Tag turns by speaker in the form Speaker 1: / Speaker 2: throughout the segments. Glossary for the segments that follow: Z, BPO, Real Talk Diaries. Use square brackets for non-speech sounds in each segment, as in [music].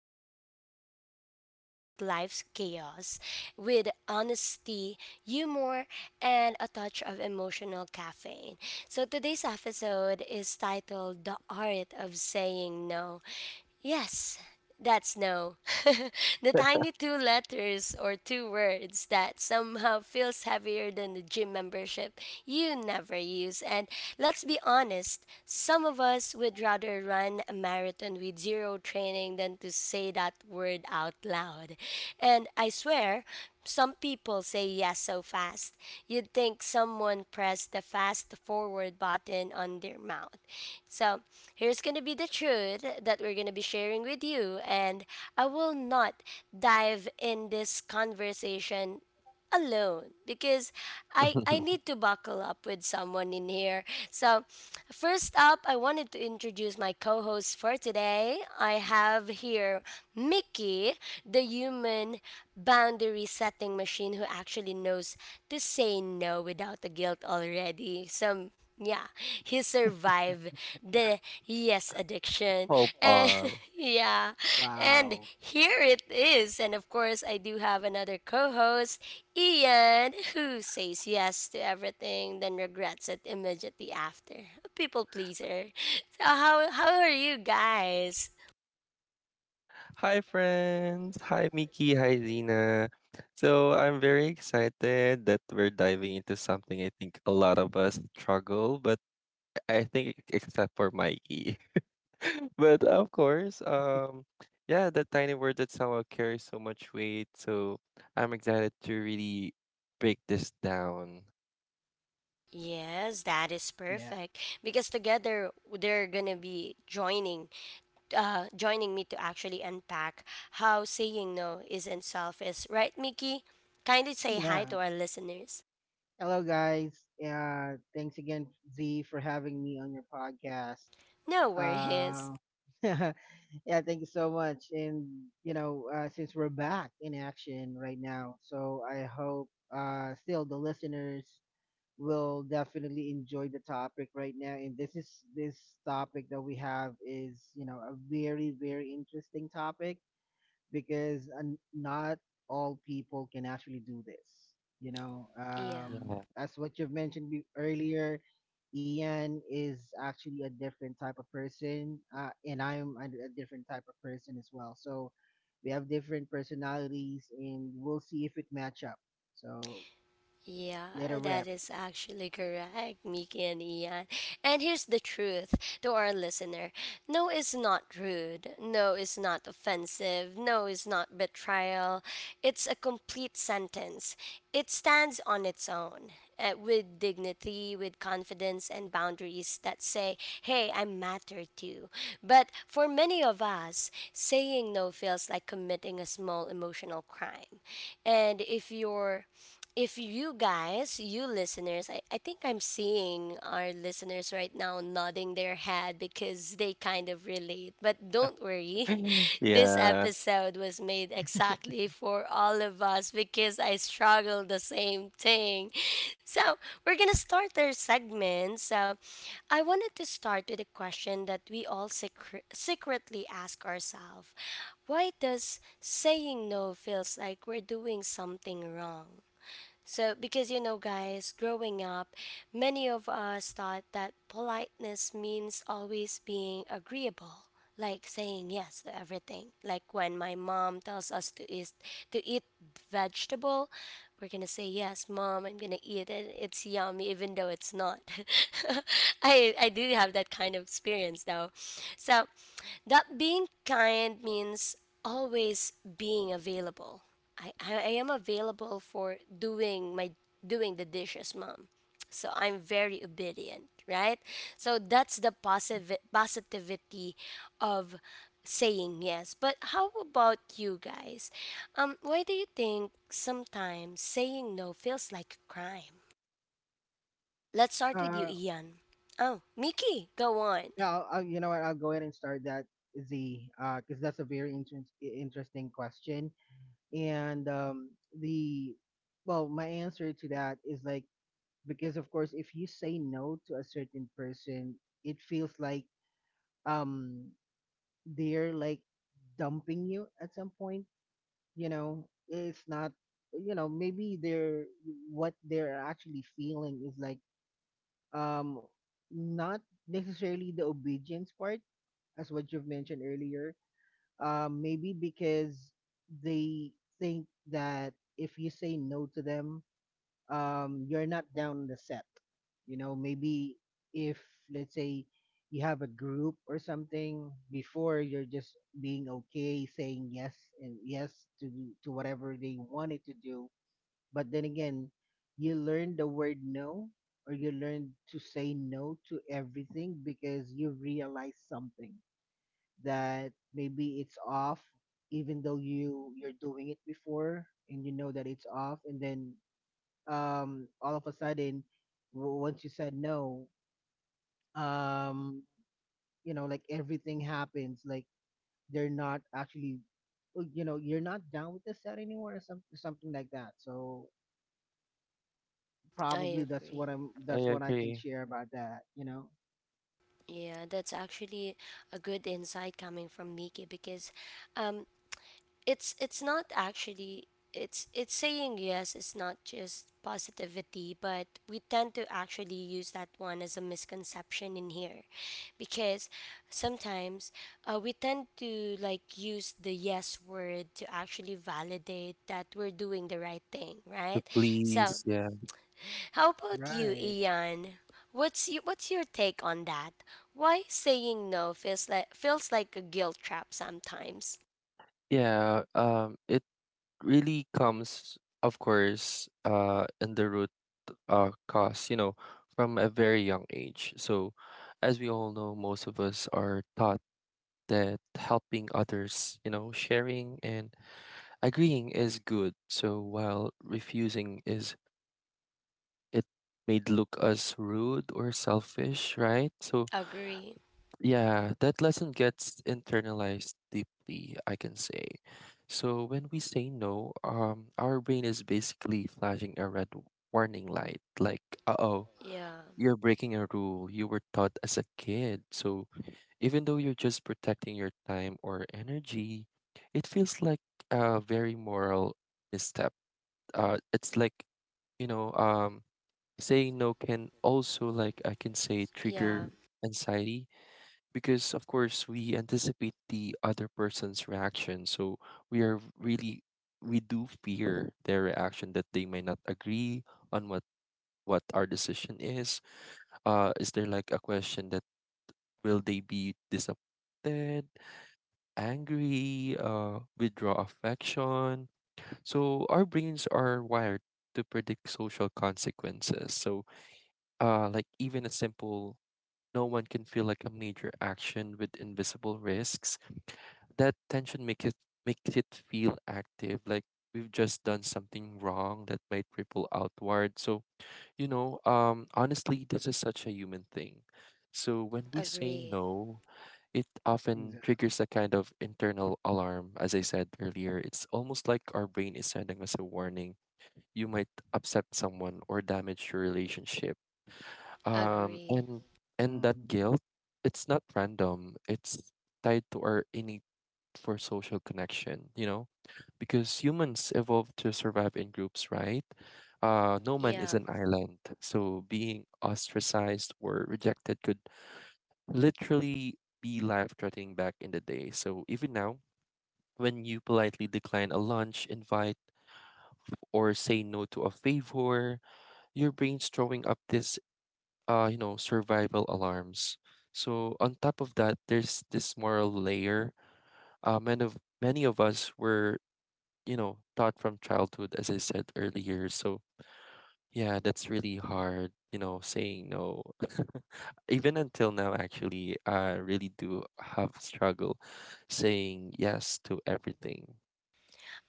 Speaker 1: where we actually unpack life's chaos with honesty, humor, and a touch of emotional caffeine. So, today's episode is titled The Art of Saying No. Yes. That's no. [laughs] The tiny two letters or two words that somehow feels heavier than the gym membership you never use. And let's be honest, some of us would rather run a marathon with zero training than to say that word out loud. And I swear, some people say yes so fast. You'd think someone pressed the fast forward button on their mouth. So, here's going to be the truth that we're going to be sharing with you, and I will not dive in this conversation alone because I need
Speaker 2: [laughs]
Speaker 1: to buckle up with someone in here. So, first up, I wanted to introduce my co-host for today. I have here Mickey, the human boundary setting machine who actually knows to say no without the guilt already. So, yeah, he survived the yes addiction
Speaker 2: Hope
Speaker 1: and
Speaker 2: all.
Speaker 1: [laughs] yeah, and
Speaker 3: Wow.
Speaker 1: here it is. And of course I do have another co-host, Ian, who says yes to everything then regrets it immediately after, a people pleaser. So how are you guys?
Speaker 2: Hi, friends. Hi, Mickey. Hi, Zena. So, I'm very excited that we're diving into something I think a lot of us struggle, but I think except for Mikey. [laughs] But of course, yeah, that tiny word that somehow carries so much weight. So, I'm excited to really break this down.
Speaker 1: Yes, that is
Speaker 3: Yeah.
Speaker 1: perfect. Because together they're gonna be joining joining me to actually unpack how saying no isn't selfish, right, Mickey? Kindly say hi
Speaker 3: Yeah.
Speaker 1: to our listeners.
Speaker 3: Hello, guys. Yeah. Thanks again, Z, for having me on your podcast.
Speaker 1: No worries.
Speaker 3: Uh, [laughs] yeah. Thank you so much. And you know, since we're back in action right now, so I hope still the listeners will definitely enjoy the topic right now. And this topic that we have is you know a very interesting topic because not all people can actually do this. You know,
Speaker 1: Yeah.
Speaker 2: Yeah.
Speaker 3: as what you've mentioned earlier, Ian is actually a different type of person, and I'm a different type of person as well. So we have different personalities, and we'll see if it match up. So let a
Speaker 1: Yeah, that
Speaker 3: rep.
Speaker 1: is actually correct, Miki and Ian. And here's the truth to our listener, no is not rude, no is not offensive, no is not betrayal. It's a complete sentence. It stands on its own with dignity, with confidence, and boundaries that say, hey, I matter too. But for many of us, saying no feels like committing a small emotional crime. And if you guys, you listeners, I think I'm seeing our listeners right now nodding their head because they kind of relate. But don't worry,
Speaker 2: [laughs]
Speaker 1: [laughs] this
Speaker 2: Yeah,
Speaker 1: episode was made exactly for all of us because I struggle the same thing. So we're gonna start our segment. So I wanted to start with a question that we all secretly ask ourselves, why does saying no feels like we're doing something wrong? So, because you know, guys, growing up, many of us thought that politeness means always being agreeable, like saying yes to everything. Like when my mom tells us to eat vegetable, we're gonna say yes, mom. I'm gonna eat it. It's yummy, even though it's not. [laughs] I do have that kind of experience though. So, that being kind means always being available, I am available for doing my doing the dishes, mom. So I'm very obedient, right? So that's the positive positivity of saying yes. But how about you guys? Why do you think sometimes saying no feels like a crime? Let's start with you,
Speaker 3: Uh,
Speaker 1: Ian. Oh, Mickey, go on.
Speaker 3: yeah, I'll, you know what? I'll go ahead and start that Z, because that's a very interesting question. And the well, my answer to that is like, because of course, if you say no to a certain person, it feels like, um they're like dumping you at some point. You know, it's not, you know, maybe they're, what they're actually feeling is like, um not necessarily the obedience part, as what you've mentioned earlier. Um, maybe because they think that if you say no to them, you're not down on the set. You know, maybe if let's say you have a group or something before, you're just being okay saying yes and yes to whatever they wanted to do, but then again, you learn the word no, or you learn to say no to everything because you realize something that maybe it's off, even though you're doing it before, and you know that it's off, and then all of a sudden, once you said no, um you know, like everything happens like they're not actually, you know, you're not down with the set anymore, or something like that. So
Speaker 1: I
Speaker 3: probably that's
Speaker 1: agree.
Speaker 3: what I'm
Speaker 2: I
Speaker 3: that's what I can
Speaker 2: agree.
Speaker 3: share about that, you know.
Speaker 1: Yeah, that's actually a good insight coming from Miki because um, it's not actually, it's saying yes, it's not just positivity, but we tend to actually use that one as a misconception in here because sometimes we tend to like use the yes word to actually validate that we're doing the right thing,
Speaker 2: The
Speaker 1: right? So
Speaker 2: Please, yeah.
Speaker 1: how about you,
Speaker 3: Right.
Speaker 1: Ian? What's what's your take on that? Why saying no feels like a guilt trap sometimes?
Speaker 2: Yeah, it really comes, of course, in the root cause, you know, from a very young age. So, as we all know, most of us are taught that helping others, you know, sharing and agreeing is good. So, while refusing is it made look as rude or selfish, right? So,
Speaker 1: Agree.
Speaker 2: yeah, that lesson gets internalized deeply, I can say. So when we say no, our brain is basically flashing a red warning light, like, uh-oh,
Speaker 1: Yeah.
Speaker 2: you're breaking a rule you were taught as a kid. So even though you're just protecting your time or energy, it feels like a very moral misstep. It's like, you know, um, saying no can also, like, I can say,
Speaker 1: Yeah,
Speaker 2: trigger anxiety, because of course we anticipate the other person's reaction. So we are really we do fear their reaction, that they may not agree on what our decision is. Is there like a question that? Will they be disappointed, angry, withdraw affection? So our brains are wired to predict social consequences. So, like, even a simple no one can feel like a major action with invisible risks. That tension makes it feel active, like we've just done something wrong that might ripple outward. So, honestly, this is such a human thing. So when we say
Speaker 1: agree.
Speaker 2: no, it often
Speaker 3: Exactly.
Speaker 2: triggers a kind of internal alarm. As I said earlier, it's almost like our brain is sending us a warning. You might upset someone or damage your relationship, um
Speaker 1: Agree.
Speaker 2: and and that
Speaker 3: Hmm.
Speaker 2: guilt, it's not random. It's tied to our innate for social connection, you know, because humans evolved to survive in groups, right? No man is
Speaker 1: Yeah,
Speaker 2: an island. So being ostracized or rejected could literally be life threatening back in the day. So even now, when you politely decline a lunch invite or say no to a favor, your brain's throwing up this, survival alarms. So on top of that, there's this moral layer. Many of us were, you know, taught from childhood, as I said earlier. So yeah, that's really hard. Saying no, [laughs] even until now, actually, I really do have struggle saying yes to everything.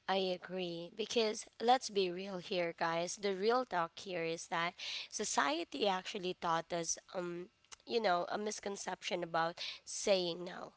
Speaker 1: I agree. Because let's be real here, guys. The real talk here is that society actually taught us, you know, a misconception about saying no.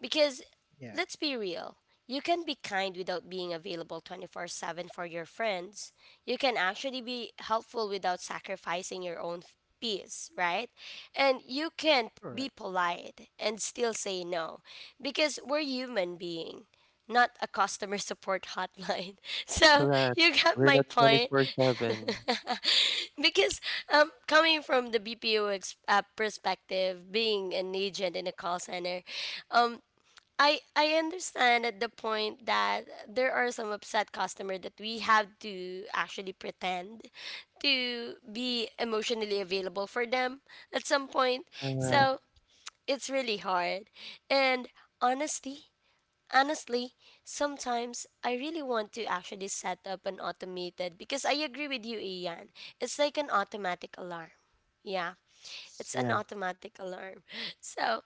Speaker 1: Because
Speaker 3: Yeah.
Speaker 1: let's be real, you can be kind without being available 24/7 for your friends. You can actually be helpful without sacrificing your own peace, right? And you can be
Speaker 3: Correct.
Speaker 1: polite and still say no because we're human being. Not a customer support hotline. [laughs] So
Speaker 2: Correct.
Speaker 1: you got
Speaker 2: We're
Speaker 1: my
Speaker 2: not twenty
Speaker 1: point.
Speaker 2: four seven.
Speaker 1: [laughs] Because coming from the BPO perspective, being an agent in a call center, um, I understand at the point that there are some upset customer that we have to actually pretend to be emotionally available for them at some point. So it's really hard. And honestly, honestly, sometimes I really want to actually set up an automated, because I agree with you, Ian. It's like an automatic alarm. Yeah. It's
Speaker 2: Yeah.
Speaker 1: an
Speaker 2: Yeah.
Speaker 1: automatic alarm. [laughs] So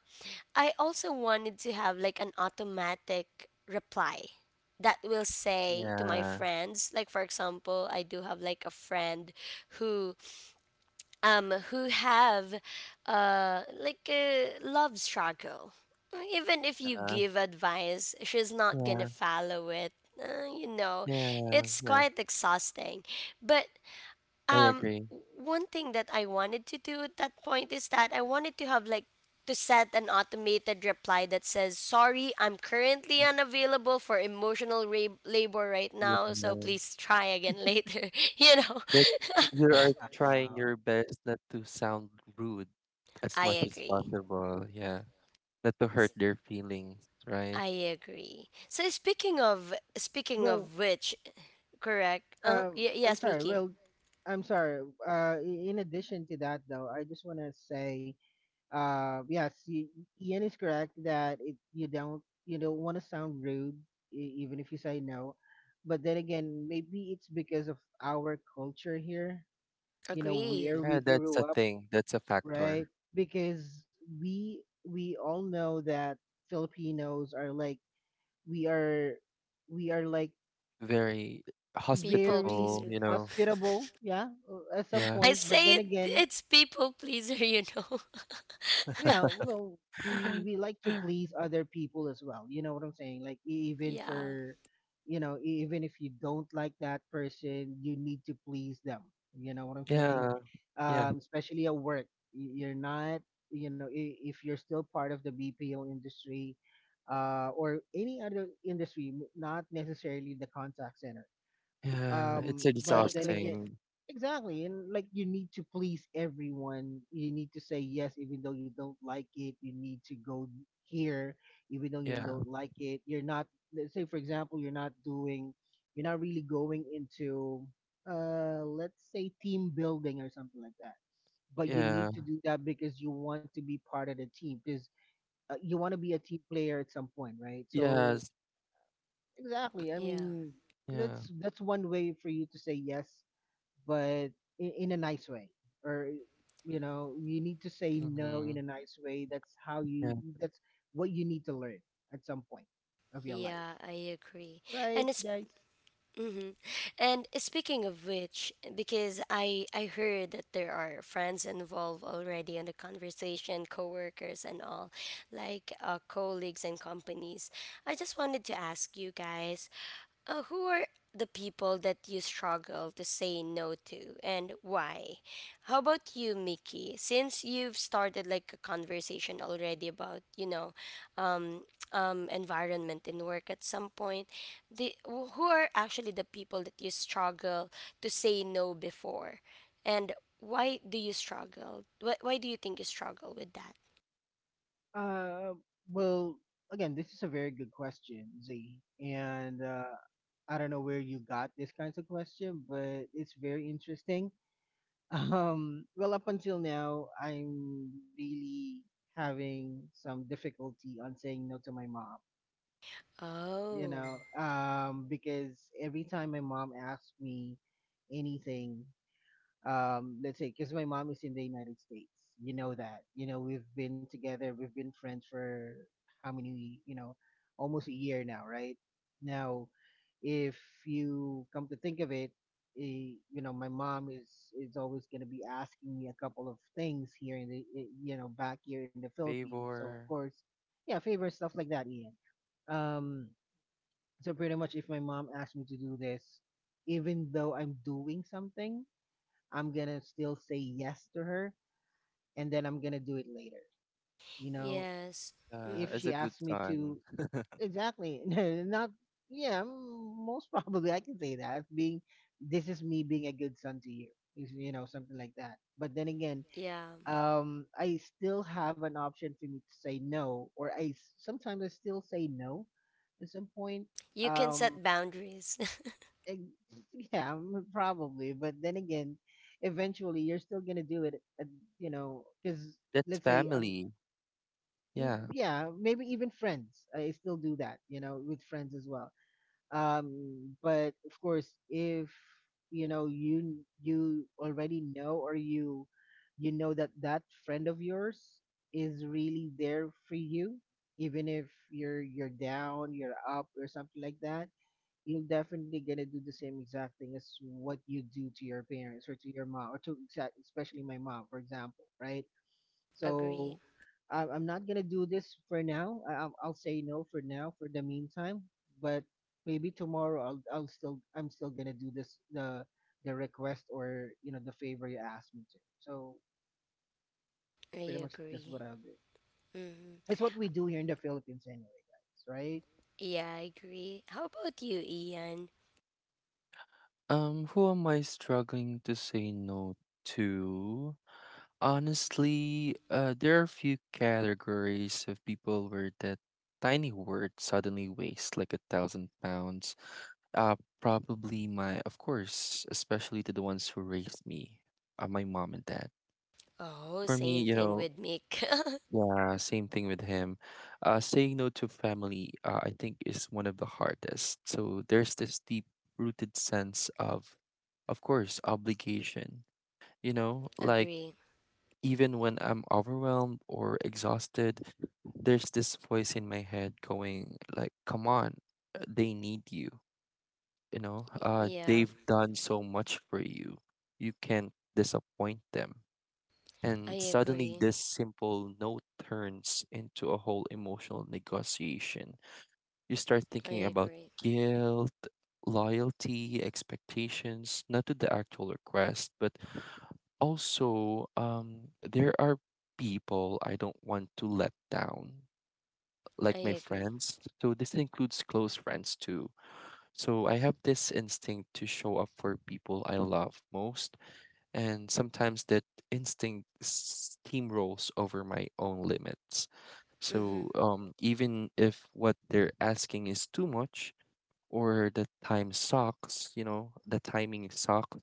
Speaker 1: I also wanted to have like an automatic reply that will say to my
Speaker 2: Yeah.
Speaker 1: friends, like for example I do have like a friend who who have like a love struggle, even if you
Speaker 2: Yeah.
Speaker 1: give advice she's not gonna
Speaker 2: Yeah.
Speaker 1: follow it. You know,
Speaker 2: Yeah.
Speaker 1: it's
Speaker 2: Yeah.
Speaker 1: quite exhausting, but
Speaker 2: I
Speaker 1: um
Speaker 2: agree.
Speaker 1: one thing that I wanted to do at that point is that I wanted to have like to set an automated reply that says sorry, I'm currently unavailable for emotional labor right
Speaker 2: Yeah,
Speaker 1: now, so please try again later. [laughs] You know.
Speaker 2: but you are trying your
Speaker 3: Wow.
Speaker 2: best not to sound rude
Speaker 1: [laughs]
Speaker 2: as
Speaker 1: I
Speaker 2: much as
Speaker 1: agree.
Speaker 2: possible. Yeah, not to hurt their feelings, right?
Speaker 1: I agree. So speaking of speaking
Speaker 3: well
Speaker 1: of which correct.
Speaker 3: i'm
Speaker 1: Yes,
Speaker 3: sorry
Speaker 1: Miki.
Speaker 3: well I'm sorry. In addition to that though, I just want to say, Uh, yes, y- Ian is correct that you don't, you don't want to sound rude even if you say no. But then again, maybe it's because of our culture here, you know,
Speaker 1: Agree.
Speaker 3: where
Speaker 2: Yeah,
Speaker 3: we
Speaker 2: that's
Speaker 3: grew
Speaker 2: a
Speaker 3: up,
Speaker 2: thing. That's a factor.
Speaker 3: right? Because we all know that Filipinos are like, we are we are like
Speaker 2: Very
Speaker 1: People
Speaker 2: hospitable,
Speaker 3: very
Speaker 2: you
Speaker 1: pleaser.
Speaker 2: know.
Speaker 3: hospitable, yeah, at some
Speaker 2: Yeah.
Speaker 1: I
Speaker 3: point. But
Speaker 1: say
Speaker 3: then
Speaker 1: it,
Speaker 3: again,
Speaker 1: it's people pleaser, you know.
Speaker 3: yeah, well, we
Speaker 2: [laughs]
Speaker 3: like to please other people as well, you know what I'm saying, like
Speaker 1: [laughs]
Speaker 3: even
Speaker 1: Yeah,
Speaker 3: for, you know, even if you don't like that person, you need to please them, you know what I'm saying.
Speaker 2: Yeah, yeah,
Speaker 3: Especially at work. You're not, you know, if you're still part of the BPO industry, or any other industry, not necessarily the contact center,
Speaker 2: yeah. It's
Speaker 1: I
Speaker 3: but then again,
Speaker 1: agree.
Speaker 2: exhausting.
Speaker 3: exactly, and like you need to please everyone, you need to say yes, even though you don't like it, you need to go here, even though you
Speaker 2: Yeah,
Speaker 3: don't like it, you're not, let's say for example, you're not really going into, let's say team building or something like that, but you
Speaker 2: yeah,
Speaker 3: need to do that because you want to be part of the team, because you want to be a team player at some point, right? So
Speaker 2: yes,
Speaker 3: exactly, I
Speaker 1: Yeah,
Speaker 3: mean,
Speaker 2: yeah.
Speaker 3: that's one way for you to say yes, but in a nice way, or, you know, you need to say
Speaker 2: Mm-hmm.
Speaker 3: no in a nice way. That's how
Speaker 2: Yeah,
Speaker 3: you, that's what you need to learn at some point of your life,
Speaker 1: yeah, I agree.
Speaker 3: right
Speaker 1: And it's,
Speaker 3: guys?
Speaker 1: hmm, and speaking of which, because I heard that there are friends involved already in the conversation, coworkers and all, like colleagues and companies. I just wanted to ask you guys, who are the people that you struggle to say no to, and why? How about you, Mickey? Since you've started like a conversation already about, you know, um, environment in work at some point, who are actually the people that you struggle to say no before? And why do you struggle? Why do you think you struggle with that?
Speaker 3: uh, well, again, this is a very good question, Z. And I don't know where you got this kinds of question, but it's very interesting. [laughs] Um, well, up until now, I'm really having some difficulty on saying no to my mom, you
Speaker 1: Oh,
Speaker 3: know, because every time my mom asks me anything, let's say, because my mom is in the United States, you know that, you know, we've been together, we've been friends for how many, you know, almost a year now, right? Now, if you come to think of it, you know, my mom is always going to be asking me a couple of things here in the, you know, back here in the Philippines. So of
Speaker 2: favor,
Speaker 3: course, yeah, favorite stuff like that, Ian. Um, so pretty much if my mom asks me to do this, even though I'm doing something, I'm gonna still say yes to her, and then I'm gonna do it later. You know,
Speaker 1: yes.
Speaker 3: if
Speaker 1: Mm-hmm.
Speaker 3: she
Speaker 2: as a
Speaker 3: asks
Speaker 2: good
Speaker 3: me to,
Speaker 2: son.
Speaker 3: exactly. [laughs] not Yeah, most probably I can say that being, this is me being a good son to you. You know, something like that. But then again,
Speaker 1: Yeah.
Speaker 3: I still have an option for me to say no, or sometimes I still say no at some point.
Speaker 1: You can
Speaker 3: Um,
Speaker 1: set boundaries. [laughs]
Speaker 3: eh, [laughs] yeah, probably. But then again, eventually you're still gonna do it, you know, because
Speaker 2: That's
Speaker 3: let's say,
Speaker 2: family. Yeah.
Speaker 3: yeah, maybe even friends. I still do that, you know, with friends as well. But of course, if you know, you already know, or you know that that friend of yours is really there for you, even if you're down, you're up, or something like that, you're definitely gonna do the same exact thing as what you do to your parents, or to your mom, or to exact, especially my mom for example, right? So
Speaker 1: Agree.
Speaker 3: I'm not gonna do this for now, I'll say no for now for the meantime, but maybe tomorrow, I'm still gonna do this, the request, or you know, the favor you asked me to. So pretty
Speaker 1: I
Speaker 3: much that's what
Speaker 1: agree.
Speaker 3: I'll do.
Speaker 1: Hmm.
Speaker 3: It's what we do here in the Philippines anyway, guys, right?
Speaker 1: Yeah, I agree. How about you, Ian?
Speaker 2: Who am I struggling to say no to? Honestly, there are a few categories of people where that tiny word suddenly weighs like a thousand pounds. Uh, Probably my, of course, especially to the ones who raised me, my mom and dad.
Speaker 1: Oh,
Speaker 2: For me,
Speaker 1: same thing with Mick.
Speaker 2: yeah, same thing with him. Saying no to family, I think, is one of the hardest. So there's this deep-rooted sense of course, obligation. You know,
Speaker 1: [laughs]
Speaker 2: like
Speaker 1: Agree.
Speaker 2: even when I'm overwhelmed or exhausted, there's this voice in my head going like, "Come on, they need you.
Speaker 1: Yeah,
Speaker 2: They've done so much for you. You can't disappoint them."
Speaker 1: I
Speaker 2: And suddenly,
Speaker 1: agree.
Speaker 2: this simple note turns into a whole emotional negotiation. You start thinking
Speaker 1: I
Speaker 2: about
Speaker 1: agree.
Speaker 2: guilt, loyalty, expectations, not to the actual request, but also, there are people I don't want to let down, like my
Speaker 1: I agree.
Speaker 2: friends. So, this includes close friends too. So, I have this instinct to show up for people I love most, and sometimes that instinct steamrolls over my own limits.
Speaker 1: Hmm.
Speaker 2: So, even if what they're asking is too much, or the time sucks, the timing sucks,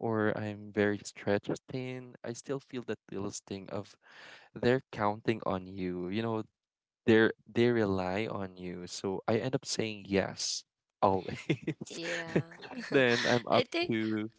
Speaker 2: or I'm very stretched thin, I still feel that little sting of, they're counting on you. They rely on you. So I end up saying yes always.
Speaker 1: Yeah.
Speaker 2: [laughs] Then I'm
Speaker 1: [laughs] I
Speaker 2: up
Speaker 1: think,
Speaker 2: to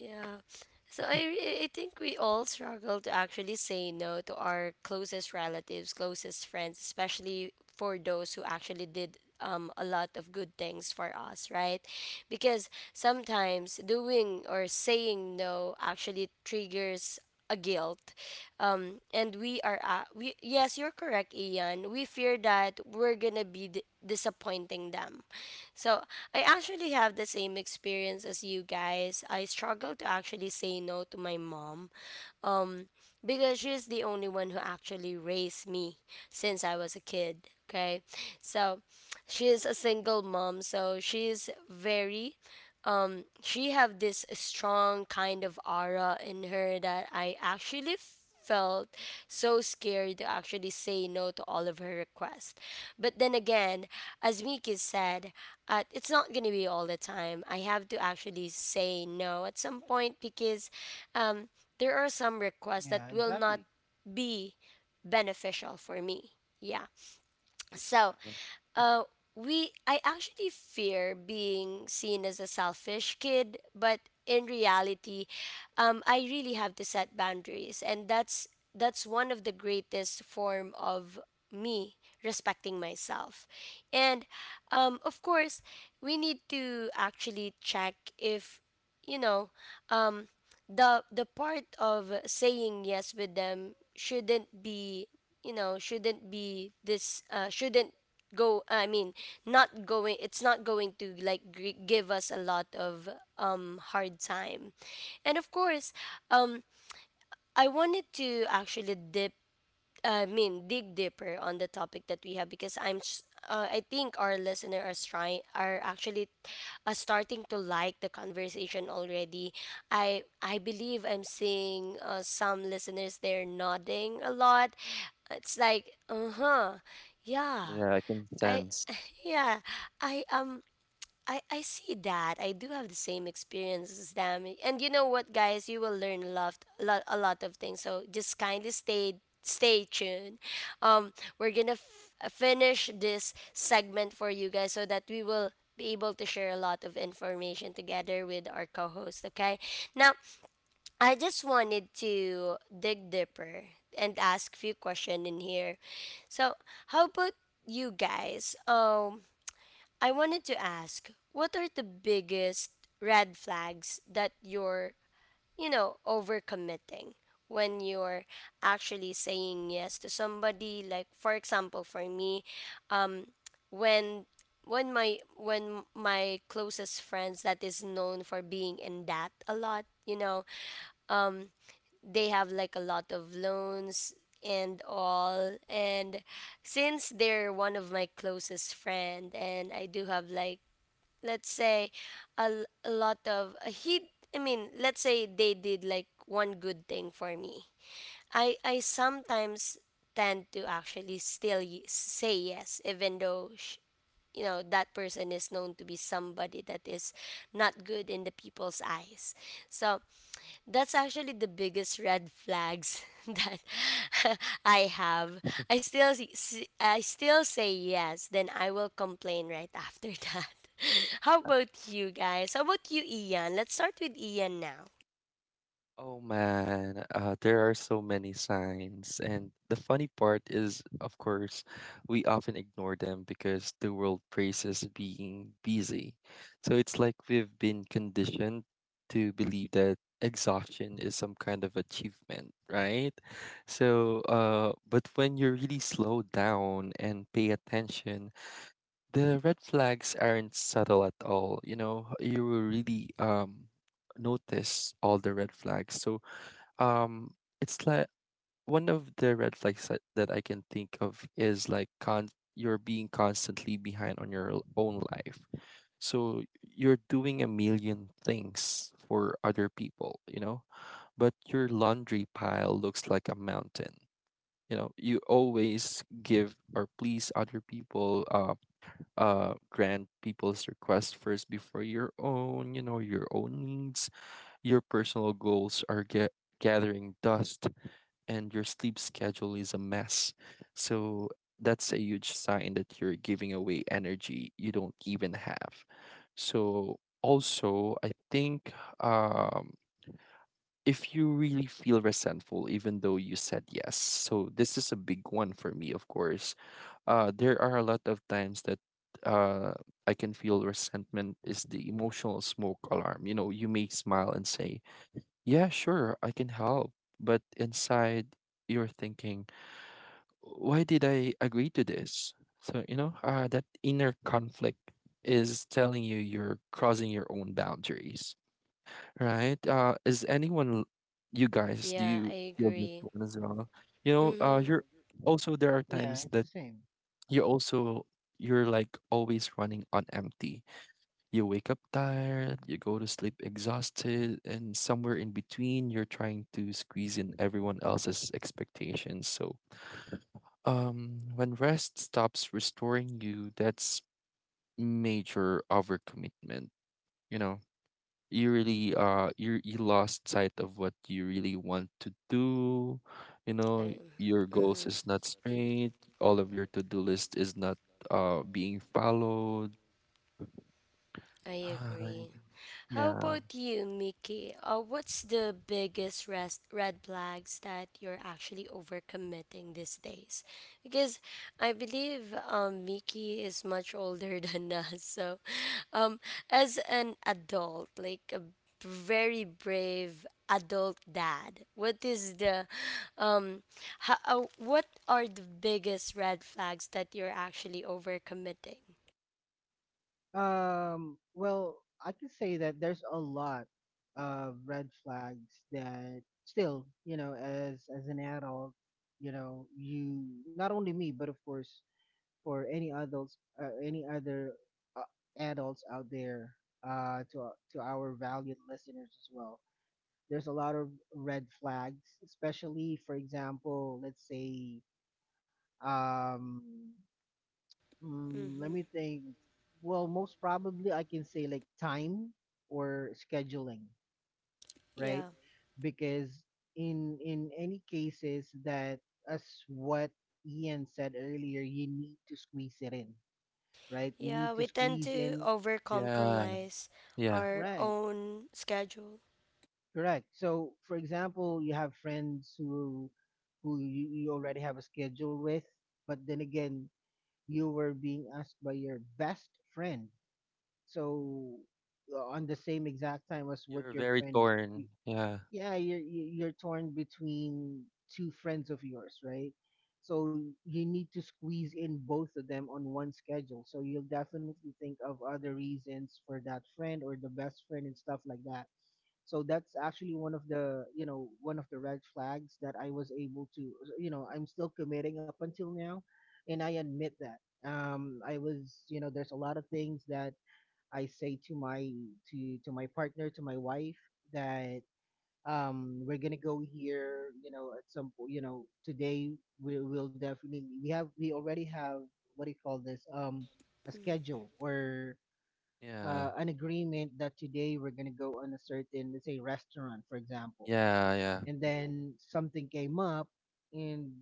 Speaker 1: yeah. So I think we all struggle to actually say no to our closest relatives, closest friends, especially for those who actually did a lot of good things for us, right? Because sometimes doing or saying no actually triggers a guilt, and we yes, you're correct, Ian, we fear that we're gonna be disappointing them. So I actually have the same experience as you guys. I struggle to actually say no to my mom because she's the only one who actually raised me since I was a kid, okay? So she's a single mom, so she's very, she have this strong kind of aura in her that I actually felt so scared to actually say no to all of her requests. But then again, as Miki said, it's not going to be all the time. I have to actually say no at some point because um, there are some requests that
Speaker 3: Yeah,
Speaker 1: will not
Speaker 3: exactly.
Speaker 1: be beneficial for me. Yeah. So
Speaker 2: yeah.
Speaker 1: uh, we I actually fear being seen as a selfish kid, but in reality, I really have to set boundaries, and that's one of the greatest form of me respecting myself. And of course, we need to actually check if you know. Um, the part of saying yes with them shouldn't be, you know, shouldn't be this, shouldn't go I mean not going, it's not going to like give us a lot of hard time. And of course, um I wanted to actually dig deeper on the topic that we have because I think our listener are trying are actually starting to like the conversation already. I believe I'm seeing some listeners there nodding a lot. It's like, uh huh, yeah.
Speaker 2: Yeah, I can
Speaker 1: I
Speaker 2: sense.
Speaker 1: [laughs] yeah, I am, I see that. I do have the same experience as them. And you know what, guys? You will learn a lot of things. So just kindly stay tuned. Um, we're going to finish this segment for you guys so that we will be able to share a lot of information together with our co-host, okay? Now, I just wanted to dig deeper and ask few questions in here. So, how about you guys? I wanted to ask, what are the biggest red flags that you're, you know, overcommitting when you're actually saying yes to somebody? Like, for example, for me, um, when when my closest friends that is known for being in debt a lot, you know, they have like a lot of loans and all and since they're one of my closest friend and I do have like let's say a lot of he I mean let's say they did like one good thing for me, I sometimes tend to actually still say yes even though you know that person is known to be somebody that is not good in the people's eyes. So that's actually the biggest red flags [laughs] that [laughs] I have. I still say yes, then I will complain right after that. [laughs] How about you guys? How about you, Ian? Let's start with Ian now.
Speaker 2: Oh man, there are so many signs. And the funny part is, of course, we often ignore them because the world praises being busy. So it's like we've been conditioned to believe that exhaustion is some kind of achievement, right? So, but when you really slow down and pay attention, the red flags aren't subtle at all. You will really notice all the red flags. So, um it's like one of the red flags that I can think of is like, con you're being constantly behind on your own life. So you're doing a million things for other people, but your laundry pile looks like a mountain. You always give or please other people, grant people's request first before your own, your own needs. Your personal goals are get gathering dust, and your sleep schedule is a mess. So that's a huge sign that you're giving away energy you don't even have. So also, I think, um if you really feel resentful even though you said yes, so this is a big one for me. Of course, there are a lot of times that, uh I can feel resentment is the emotional smoke alarm. You know, you may smile and say, "Yeah, sure, I can help." But inside you're thinking, "Why did I agree to this?" So, that inner conflict is telling you you're crossing your own boundaries, right? Is anyone, you guys, do
Speaker 1: Yeah,
Speaker 2: you
Speaker 1: I
Speaker 2: feel that
Speaker 1: agree.
Speaker 2: one as well?
Speaker 1: Mhm.
Speaker 2: You're also There are
Speaker 3: Yeah,
Speaker 2: times
Speaker 3: it's
Speaker 2: that
Speaker 3: the same.
Speaker 2: you're also you're like always running on empty. You wake up tired, you go to sleep exhausted, and somewhere in between you're trying to squeeze in everyone else's expectations. So, when rest stops restoring you, that's major overcommitment. you know you really you lost sight of what you really want to do. you
Speaker 1: I,
Speaker 2: know your goals
Speaker 1: mhm.
Speaker 2: is not straight, all of your to-do list is not being followed.
Speaker 1: I
Speaker 2: [sighs]
Speaker 1: agree. How
Speaker 2: Yeah.
Speaker 1: about you, Mickey? What's the biggest res- red flags that you're actually overcommitting these days? Because I believe Mickey is much older [laughs] than us. So, um, as an adult, like a very brave adult dad, what is the, um, how, what are the biggest red flags that you're actually overcommitting?
Speaker 3: Well, I can say that there's a lot of red flags that still, you know, as an adult, you know, you, not only me, but of course for any adults, any other uh, adults out there, to our-, to our valued listeners as well. There's a lot of red flags, especially for example, let's say, um, mm, let
Speaker 1: Mm-hmm.
Speaker 3: me think. Well, most probably I can say like time or scheduling, right?
Speaker 1: Yeah.
Speaker 3: Because in any cases that, as what Ian said earlier, you need to squeeze it in, right? You need
Speaker 1: Yeah,
Speaker 3: to
Speaker 1: we tend
Speaker 3: squeeze
Speaker 1: to
Speaker 3: in,
Speaker 2: Yeah.
Speaker 1: overcompromise
Speaker 2: Yeah.
Speaker 1: our
Speaker 3: right?
Speaker 1: own schedule.
Speaker 3: Correct. So, for example, you have friends who, you, you already have a schedule with, but then again, you were being asked by your best friend, so on the same exact time as
Speaker 2: You're
Speaker 3: what your
Speaker 2: very
Speaker 3: friend.
Speaker 2: torn,
Speaker 3: y-
Speaker 2: yeah.
Speaker 3: yeah, you're torn between two friends of yours, right? So you need to squeeze in both of them on one schedule, so you'll definitely think of other reasons for that friend, or the best friend and stuff like that. So that's actually one of the, you know, one of the red flags that I was able to, you know, I'm still committing up until now, and I admit that. Um, I was, you know, there's a lot of things that I say to my, to my partner, to my wife, that we're gonna go here, you know, at some point, you know, today, we will definitely, we have, we already have, what do you call this, a schedule, or
Speaker 2: Yeah,
Speaker 3: an agreement that today we're gonna go on a certain, let's say restaurant for example,
Speaker 2: yeah, yeah.
Speaker 3: and then something came up, and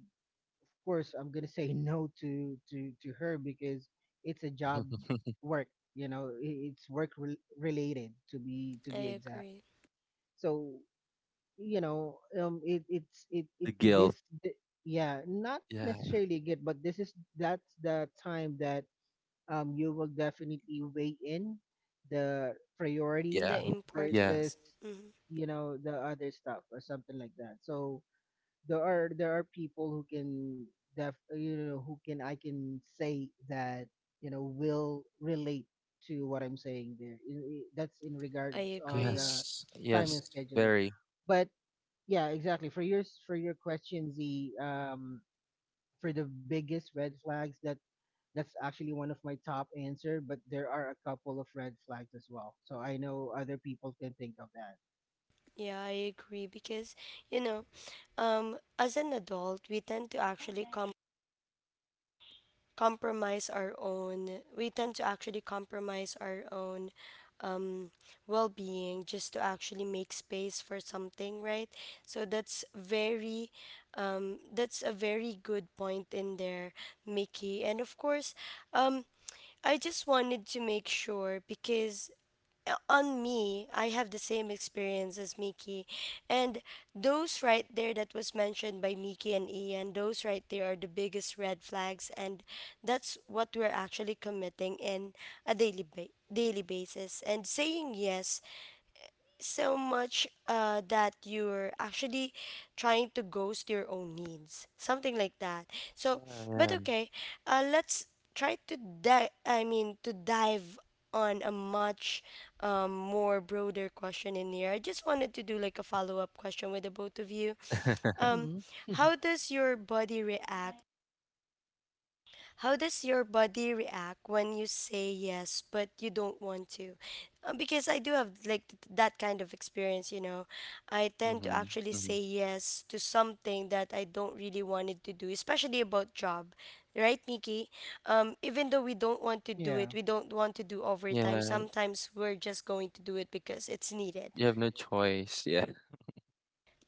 Speaker 3: of course I'm gonna say [laughs] no to to her, because it's a job,
Speaker 2: [laughs]
Speaker 3: work, you know, it's work related, to be
Speaker 1: I
Speaker 3: exact.
Speaker 1: agree.
Speaker 3: So, you know, it it
Speaker 2: The
Speaker 3: this
Speaker 2: guilt,
Speaker 3: yeah, not
Speaker 2: yeah.
Speaker 3: necessarily good, but this is, that's the time that you will definitely weigh in the priority
Speaker 2: Yeah,
Speaker 1: The
Speaker 2: yeah.
Speaker 3: versus,
Speaker 1: importance. Hmm.
Speaker 3: you know, the other stuff or something like that. So there are, there are people who can def, you know, who can, I can say that, you know, will relate to what I'm saying there. That's in
Speaker 1: I
Speaker 3: regards of
Speaker 1: agree.
Speaker 3: the
Speaker 2: Yes,
Speaker 3: time and
Speaker 2: yes,
Speaker 3: scheduling.
Speaker 2: very.
Speaker 3: But yeah, exactly. For your for your question, the for the biggest red flags, that that's actually one of my top answer, but there are a couple of red flags as well. So I know other people can think of that.
Speaker 1: Yeah, I agree because you know, as an adult, we tend to actually compromise our own um well-being just to actually make space for something, right? So that's very that's a very good point in there, Mickey. And of course, um I just wanted to make sure because on me, I have the same experience as Mickey. And those right there that was mentioned by Mickey and Ian, those right there are the biggest red flags. And that's what we're actually committing in a daily basis. And saying yes so much, that you're actually trying to ghost your own needs, something like that. So,
Speaker 2: Yeah, yeah.
Speaker 1: but okay, let's try to dive. I mean, to dive on a much more broader question in here. I just wanted to do like a follow up question with the both of you.
Speaker 2: [laughs]
Speaker 1: Um,
Speaker 3: Mm-hmm. [laughs]
Speaker 1: how does your body react? How does your body react when you say yes but you don't want to? Because I do have like that kind of experience, you know. I tend to
Speaker 2: Hmm.
Speaker 1: actually
Speaker 2: Hmm.
Speaker 1: say yes to something that I don't really wanted to do, especially about job. Right, Nikki? Even though we don't want to do it,
Speaker 3: Yeah.
Speaker 1: we don't want to do overtime.
Speaker 2: Yeah,
Speaker 1: Sometimes we're just going to do it because it's needed.
Speaker 2: you have no choice, yeah.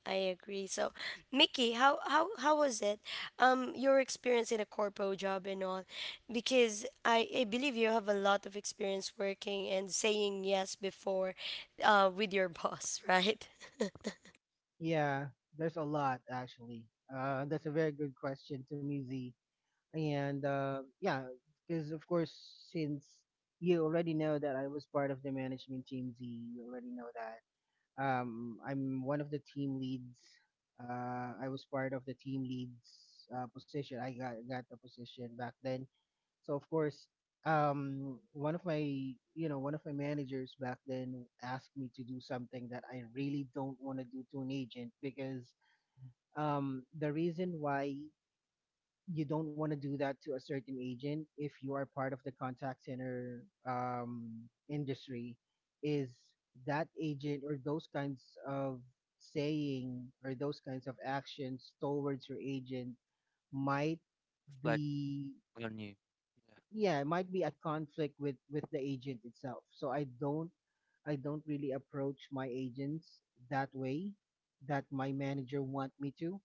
Speaker 1: I agree. So, Mickey, how was it? Your experience in a corpo job and all, because I believe you have a lot of experience working and saying yes before, with your boss, right? [laughs]
Speaker 3: Yeah, there's a lot actually. That's a very good question to me, Z. And yeah, because of course, since you already know that I was part of the management team, Z, you already know that. I'm one of the team leads. I was part of the team leads position. I got the position back then. So of course, one of my managers back then asked me to do something that I really don't want to do to an agent, because the reason why you don't want to do that to a certain agent if you are part of the contact center industry is that agent, or those kinds of saying, or those kinds of actions towards your agent. Might
Speaker 2: Reflect
Speaker 3: be
Speaker 2: on you.
Speaker 3: Yeah, it might be a conflict with the agent itself. So I don't really approach my agents that way that my manager want me to.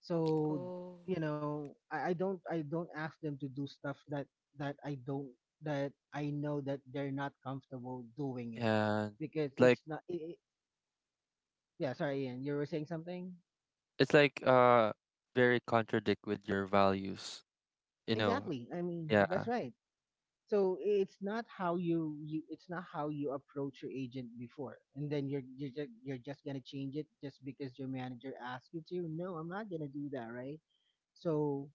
Speaker 3: So
Speaker 1: Oh.
Speaker 3: I don't ask them to do stuff that i don't that I know that they're not comfortable doing
Speaker 2: Yeah.
Speaker 3: it,
Speaker 2: And
Speaker 3: because
Speaker 2: like,
Speaker 3: it's not I I Yeah, sorry, Ian, you were saying something.
Speaker 2: it's like, very contradict with your values. You know,
Speaker 3: Exactly, I mean, that's
Speaker 2: yeah,
Speaker 3: right. So it's not how you approach your agent before, and then you're just gonna change it just because your manager asked you to. No, I'm not gonna do that, right? So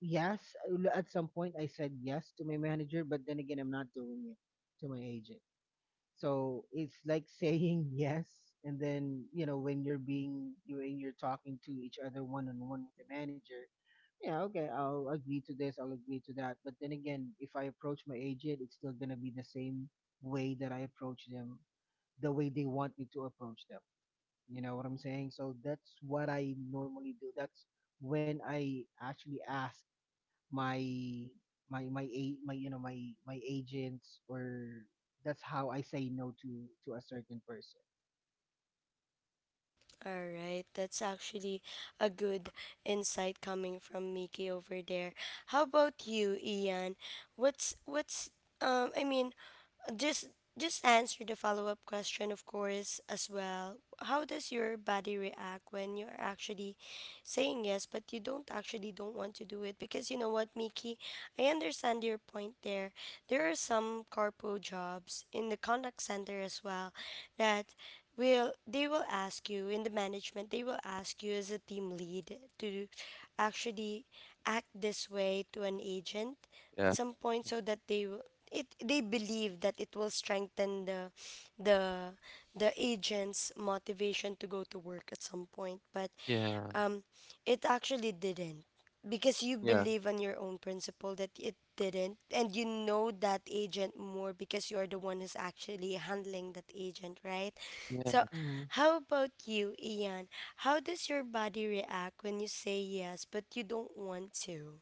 Speaker 3: yes, at some point I said yes to my manager, but then again, I'm not doing it to my agent. So it's like [laughs] saying yes, and then when you're talking to each other one on one with the manager, yeah, okay, I'll agree to this, I'll agree to that. But then again, if I approach my agent, it's still gonna be the same way that I approach them, the way they want me to approach them. You know what I'm saying? So that's what I normally do. That's when I actually ask my my my a my you know my my agents, or that's how I say no to a certain person.
Speaker 1: All right, that's actually a good insight coming from Mickey over there. How about you, Ian? What's I mean, just just answer the follow-up question of course as well. How does your body react when you're actually saying yes but you don't actually don't want to do it? Because you know what, Mickey, I understand your point there. There are some corpo jobs in the contact center as well that will they will ask you in the management, they will ask you as a team lead to actually act this way to an agent at
Speaker 2: yeah.
Speaker 1: some point so that they will, it they believe that it will strengthen the the the agent's motivation to go to work at some point. But
Speaker 2: Yeah,
Speaker 1: um it actually didn't, because you
Speaker 2: yeah,
Speaker 1: believe on your own principle that it didn't, and you know that agent more because you're the one who's actually handling that agent, right? So
Speaker 2: yeah.
Speaker 3: Mm-hmm.
Speaker 1: how about you, Ian? How does your body react when you say yes but you don't want to?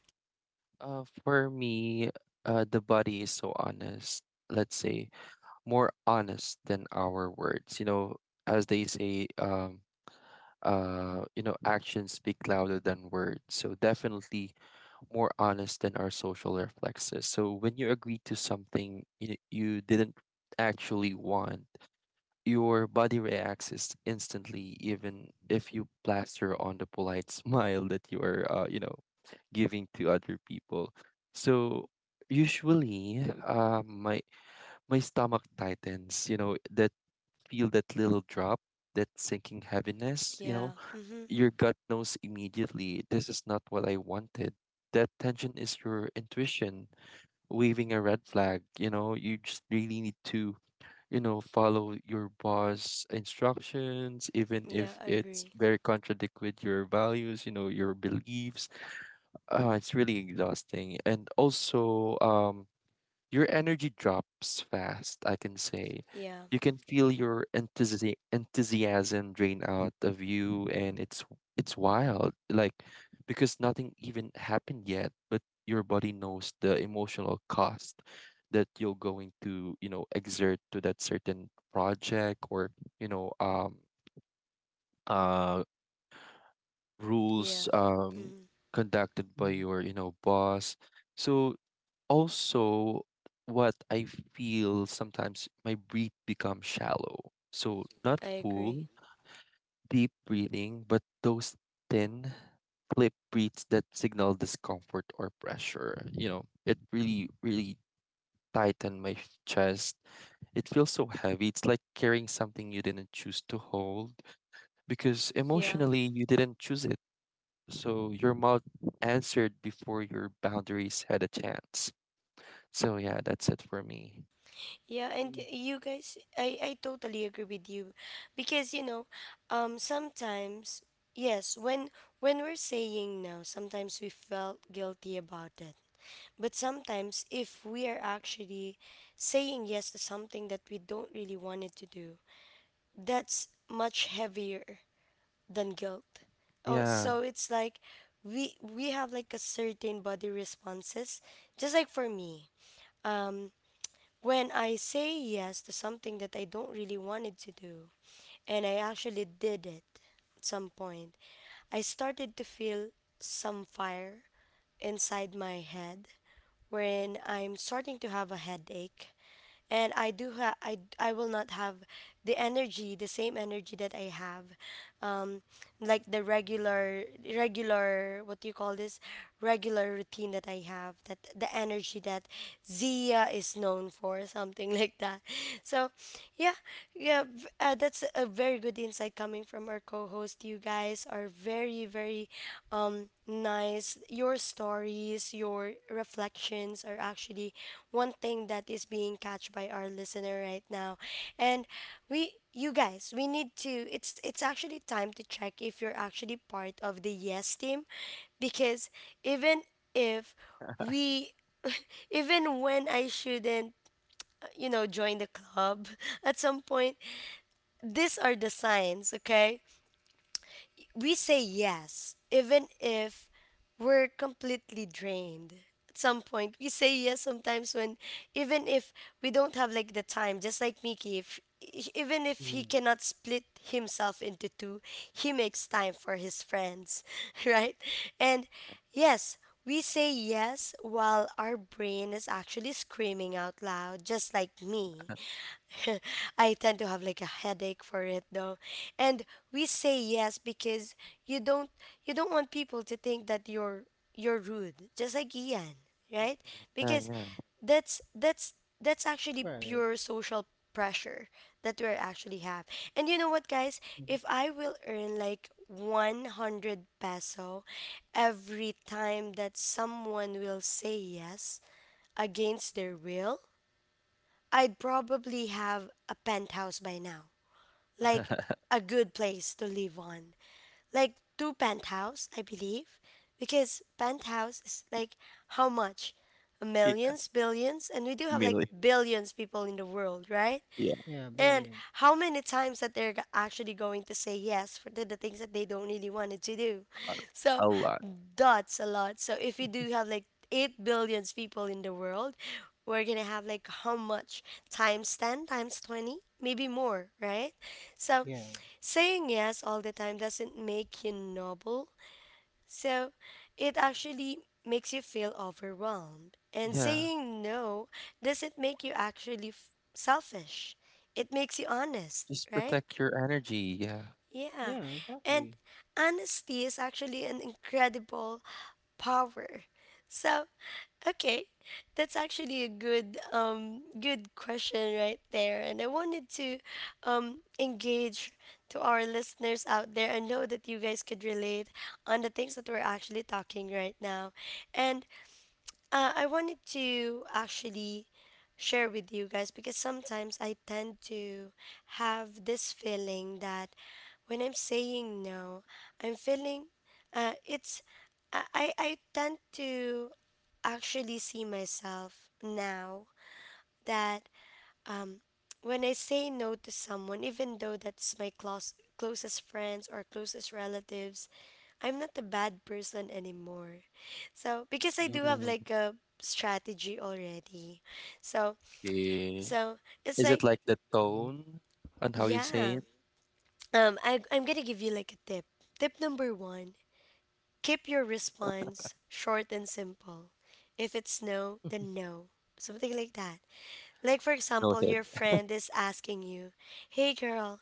Speaker 2: For me, the body is so honest. Let's say more honest than our words. You know, as they say, actions speak louder than words. So definitely more honest than our social reflexes. So when you agree to something you didn't actually want, your body reacts is instantly, even if you plaster on the polite [laughs] smile that you are, giving to other people. So usually, my stomach tightens. You know that feel, that little drop, that sinking heaviness.
Speaker 1: Yeah, mm-hmm.
Speaker 2: Your gut knows immediately, this is not what I wanted. That tension is your intuition waving a red flag. You just really need to, follow your boss instructions, even
Speaker 1: Yeah,
Speaker 2: if
Speaker 1: I
Speaker 2: it's
Speaker 1: agree.
Speaker 2: very contradict with your values, your beliefs. It's really exhausting. And also, your energy drops fast, I can say.
Speaker 1: Yeah.
Speaker 2: You can feel your enthusiasm drain out of you, and it's wild, like, because nothing even happened yet, but your body knows the emotional cost that you're going to, you know, exert to that certain project, or, you know, um uh
Speaker 1: Yeah,
Speaker 2: rules
Speaker 1: mm-hmm.
Speaker 2: conducted by
Speaker 3: Mm-hmm.
Speaker 2: your, boss. So also what I feel, sometimes my breath becomes shallow. So not
Speaker 1: I agree.
Speaker 2: full, deep breathing, but those thin, clip breaths that signal discomfort or pressure. It really, really tighten my chest. It feels so heavy. It's like carrying something you didn't choose to hold because
Speaker 1: Yeah.
Speaker 2: emotionally you didn't choose it. So your mouth answered before your boundaries had a chance. So yeah, that's it for me.
Speaker 1: Yeah, and
Speaker 3: Mm,
Speaker 1: you guys, I totally agree with you because you know, sometimes yes, when we're saying no, sometimes we felt guilty about it. But sometimes if we are actually saying yes to something that we don't really wanted to do, that's much heavier than guilt. Oh,
Speaker 2: Yeah.
Speaker 1: so it's like we have like a certain body responses, just like for me. um, when I say yes to something that I don't really wanted to do, and I actually did it at some point, I started to feel some fire inside my head, wherein I'm starting to have a headache, and I do ha- I will not have the energy, the same energy that I have, um, like the regular regular what do you call this regular routine that I have, that the energy that Zia is known for, something [laughs] like that. So, yeah, yeah, that's a very good insight coming from our co-host. You guys are very nice. Your stories, your reflections are actually one thing that is being catched by our listener right now. And we, you guys, we need to, it's actually time to check if you're actually part of the yes team, because even if we [laughs] even when I shouldn't, you know, join the club [laughs] at some point, these are the signs, okay? We say yes, even if we're completely drained. At some point, we say yes sometimes when, even if we don't have like the time, just like Mickey, if even if he
Speaker 3: yeah.
Speaker 1: cannot split himself into two, he makes time for his friends, [laughs] right? And yes, we say yes while our brain is actually screaming out loud, just like me. [laughs] I tend to have like a headache for it though. And we say yes because you don't you don't want people to think that you're rude, just like Ian, right?
Speaker 2: Yeah,
Speaker 1: Because
Speaker 2: yeah, yeah.
Speaker 1: that's actually
Speaker 3: Right.
Speaker 1: pure social pressure that we're actually have. And you know what, guys?
Speaker 3: Hmm.
Speaker 1: If I will earn like 100 peso every time that someone will say yes against their will, I'd probably have a penthouse by now. Like
Speaker 2: [laughs]
Speaker 1: a good place to live on, like two penthouse, I believe, because penthouse is like how much?
Speaker 2: Yeah,
Speaker 1: Millions, billions, and we do have like
Speaker 2: mainly.
Speaker 1: billions people in the world, right?
Speaker 2: Yeah,
Speaker 3: Yeah,
Speaker 1: And
Speaker 3: billion.
Speaker 1: how many times that they're actually going to say yes for the things that they don't really wanted to do.
Speaker 2: a
Speaker 1: So
Speaker 2: a lot.
Speaker 1: that's a lot. So if you do have like 8 billions people in the world, we're going to have like how much? Times 10, times 20, maybe more, right? So
Speaker 3: Yeah.
Speaker 1: saying yes all the time doesn't make you noble, so it actually makes you feel overwhelmed. And
Speaker 2: Yeah,
Speaker 1: saying no doesn't make you actually selfish, it makes you honest,
Speaker 2: just
Speaker 1: right?
Speaker 2: protect your energy, yeah.
Speaker 1: Yeah.
Speaker 3: Yeah,
Speaker 1: And
Speaker 3: exactly.
Speaker 1: honesty is actually an incredible power. So, okay, that's actually a good good question right there. And I wanted to engage to our listeners out there. I know that you guys could relate on the things that we're actually talking right now. And I wanted to actually share with you guys because sometimes I tend to have this feeling that when I'm saying no, I'm feeling it's, I tend to actually see myself now that um, when I say no to someone, even though that's my closest friends or closest relatives, I'm not a bad person anymore. So, because I do have
Speaker 2: Mm,
Speaker 1: like a strategy already. So,
Speaker 2: okay.
Speaker 1: so it's
Speaker 2: Is it
Speaker 1: like,
Speaker 2: like the
Speaker 3: Hmm.
Speaker 2: tone on how you say
Speaker 1: yeah.
Speaker 2: it?
Speaker 1: I'm gonna give you like a tip. Tip number one, keep your response short and simple. If it's no, then no. Something like that. Like, for example,
Speaker 2: Noted.
Speaker 1: your friend is asking you, "Hey girl,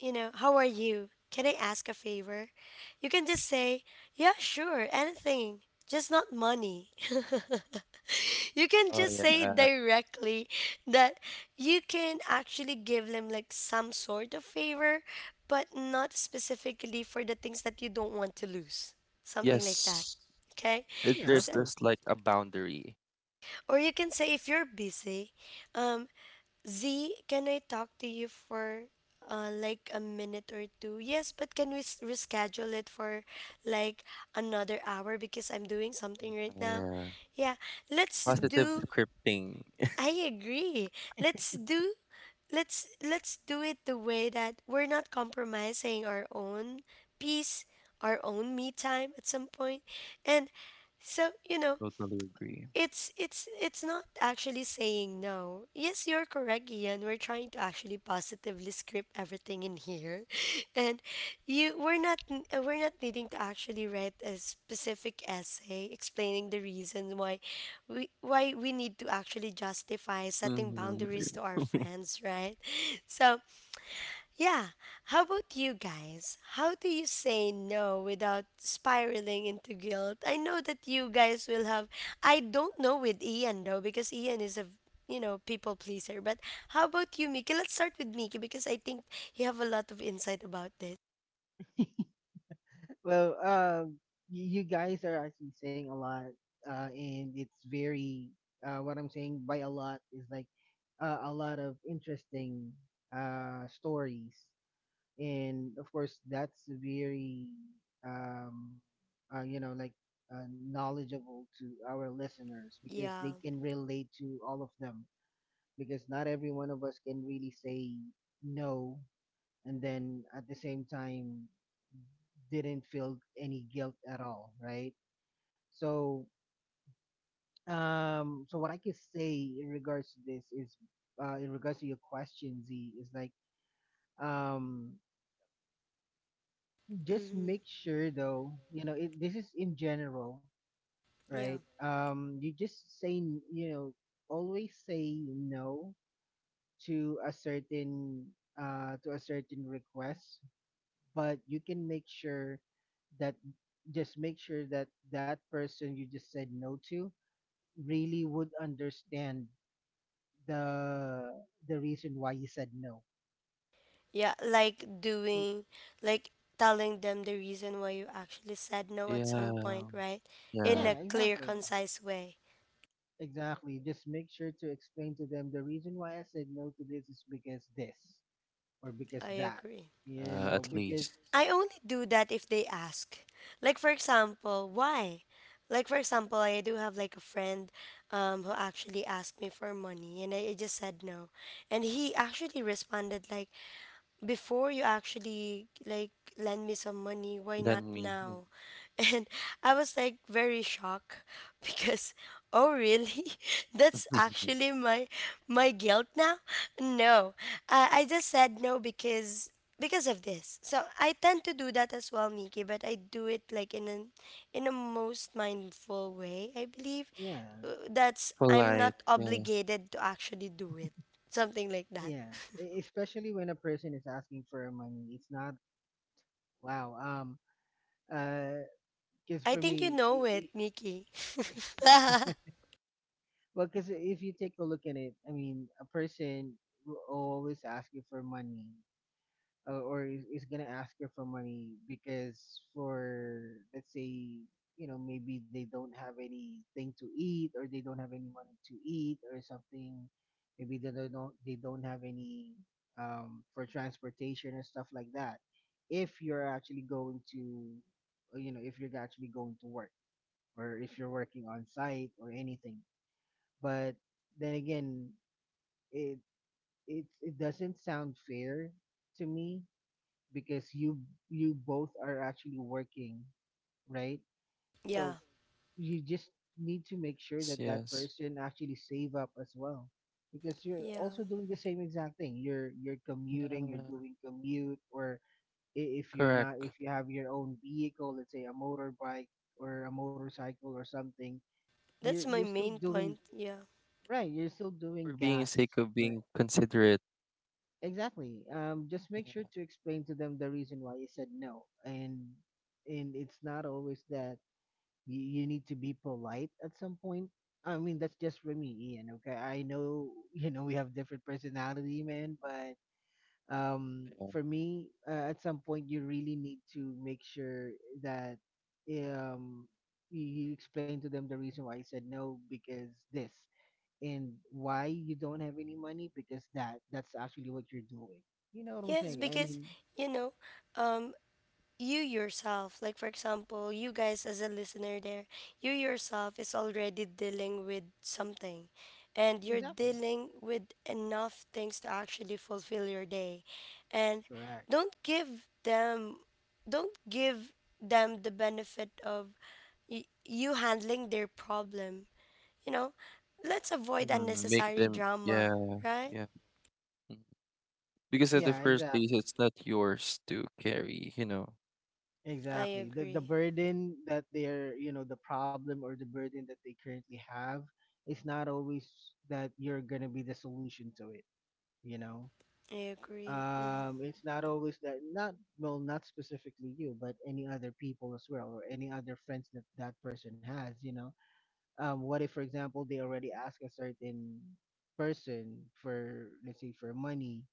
Speaker 1: you know, how are you? Can I ask a favor?" You can just say, "Yeah, sure, anything, just not money." [laughs] You can
Speaker 2: Oh,
Speaker 1: just say
Speaker 2: yeah.
Speaker 1: directly that you can actually give them like some sort of favor, but not specifically for the things that you don't want to lose. Something like that.
Speaker 2: Yes,
Speaker 1: Okay?
Speaker 3: Yeah,
Speaker 2: there's
Speaker 3: of
Speaker 1: So,
Speaker 2: just
Speaker 3: course.
Speaker 2: like a boundary.
Speaker 1: or you can say if you're busy, um, "Z, can I talk to you for like a minute or two?" "Yes, but can we reschedule it for like another hour because I'm doing something right
Speaker 2: Yeah,
Speaker 1: now?"
Speaker 2: yeah.
Speaker 1: Yeah, let's
Speaker 2: Positive
Speaker 1: do.
Speaker 2: scripting.
Speaker 1: I agree. Let's do. Let's do it the way that we're not compromising our own peace, our own me time at some point. And so, you know,
Speaker 2: Totally agree.
Speaker 1: it's it's not actually saying no. Yes, you're correct, Ian. We're trying to actually positively script everything in here, [laughs] and you we're not n- we're not needing to actually write a specific essay explaining the reasons why we need to actually justify setting
Speaker 2: Hmm.
Speaker 1: boundaries to our
Speaker 2: [laughs]
Speaker 1: friends, right? [laughs] So yeah, how about you guys? How do you say no without spiraling into guilt? I know that you guys will have, I don't know with Ian though because Ian is a, you know, people pleaser. But how about you, Miki? Let's start with Miki because I think you have a lot of insight about this.
Speaker 3: Well, you guys are actually saying a lot, and it's very, what I'm saying by a lot is, like, a lot of interesting, stories. And of course that's very, um like, knowledgeable to our listeners, because
Speaker 1: Yeah.
Speaker 3: they can relate to all of them, because not every one of us can really say no and then at the same time didn't feel any guilt at all, right? So so what I can say in regards to this is, in regards to your question, Z, is like, um just
Speaker 1: Mm-hmm.
Speaker 3: make sure, though, you know it, this is in general,
Speaker 1: Yeah.
Speaker 3: right? You just say always say no to a certain, to a certain request. But you can make sure that, that person you just said no to really would understand the the reason why you said no.
Speaker 1: Yeah, like
Speaker 3: Mm,
Speaker 1: doing, like telling them the reason why you actually said no at some
Speaker 2: Yeah,
Speaker 1: point, right? In
Speaker 3: yeah,
Speaker 2: yeah,
Speaker 1: a clear,
Speaker 3: exactly.
Speaker 1: concise way.
Speaker 3: Exactly. Just make sure to explain to them the reason why I said no to this is because this, or because
Speaker 1: I
Speaker 3: that.
Speaker 1: agree.
Speaker 3: You know,
Speaker 2: at
Speaker 3: because
Speaker 2: least.
Speaker 1: I only do that if they ask. Like for example, why? Like for example, I do have like a friend who actually asked me for money and I just said no. And he actually responded like before you actually like lend me some money, why not
Speaker 2: Than me.
Speaker 1: now? [laughs] And I was like very shocked [laughs] because oh really? [laughs] That's
Speaker 2: [laughs]
Speaker 1: actually my my guilt now. No, I just said no because because of this. So I tend to do that as well, miki, but I do it like in an in a most mindful way I believe.
Speaker 3: yeah,
Speaker 1: That's I'm
Speaker 2: Polite,
Speaker 1: not obligated to actually do it, something like that.
Speaker 3: yeah.
Speaker 1: [laughs]
Speaker 3: Especially when a person is asking for money, it's not, wow. Uh, because
Speaker 1: I
Speaker 3: for
Speaker 1: think you
Speaker 3: me,
Speaker 1: know it, Mickey.
Speaker 3: I
Speaker 1: [laughs]
Speaker 3: [laughs] well, because if you take a look at it, I mean, a person will always ask you for money. Or is gonna ask her for money, because for, let's say, maybe they don't have anything to eat, or they don't have any money to eat or something. Maybe they don't have any, for transportation and stuff like that, if you're actually going to, you know if you're actually going to work, or if you're working on site or anything, but then again, it it doesn't sound fair to me because you both are actually working, right?
Speaker 1: Yeah,
Speaker 3: So you just need to make
Speaker 2: yes,
Speaker 3: sure that
Speaker 2: yes.
Speaker 3: that person actually save up as well, because you're
Speaker 1: yeah.
Speaker 3: also doing the same exact thing. You're commuting,
Speaker 2: Yeah,
Speaker 3: you're doing commute, or if you're
Speaker 2: correct.
Speaker 3: not, if you have your own vehicle, let's say a motorbike or a motorcycle or something, you're
Speaker 1: That's my
Speaker 3: you're still
Speaker 1: main
Speaker 3: doing,
Speaker 1: point. Yeah.
Speaker 3: right? You're still
Speaker 2: For
Speaker 3: doing
Speaker 2: being
Speaker 3: gas,
Speaker 2: sake of
Speaker 3: right?
Speaker 2: being considerate.
Speaker 3: Exactly. Just make
Speaker 2: Yeah.
Speaker 3: sure to explain to them the reason why you said no, and it's not always that you need to be polite at some point. I mean, that's just for me, Ian. Okay, I know [laughs] we have different personality, man, but, for me, at some point, you really need to make sure that, um you explain to them the reason why you said no, because this, and why you don't have any money because that's actually what you're doing. You know what I'm
Speaker 1: Yes,
Speaker 3: saying? I
Speaker 1: because
Speaker 3: mean—
Speaker 1: you know, um, you yourself, like for example, you guys as a listener there, you yourself is already dealing with something, and you're
Speaker 3: Exactly.
Speaker 1: dealing with enough things to actually fulfill your day, and
Speaker 3: Correct.
Speaker 1: don't give them, don't give them the benefit of you handling their problem. You know, let's avoid
Speaker 2: Mm, make
Speaker 1: unnecessary
Speaker 2: them, yeah,
Speaker 1: drama, right?
Speaker 2: yeah. Mm. Because at the
Speaker 3: Yeah,
Speaker 2: first place,
Speaker 3: exactly.
Speaker 2: it's not yours to carry, you know.
Speaker 1: I
Speaker 3: Exactly, the
Speaker 1: agree.
Speaker 3: burden that they're you know the problem, or the burden that they currently have, is not always that you're gonna be the solution to it, you know.
Speaker 1: I agree.
Speaker 3: It's not always that, not, well, not specifically you, but any other people as well, or any other friends that that person has, you know. What if, for example, they already ask a certain person for, let's say, for money,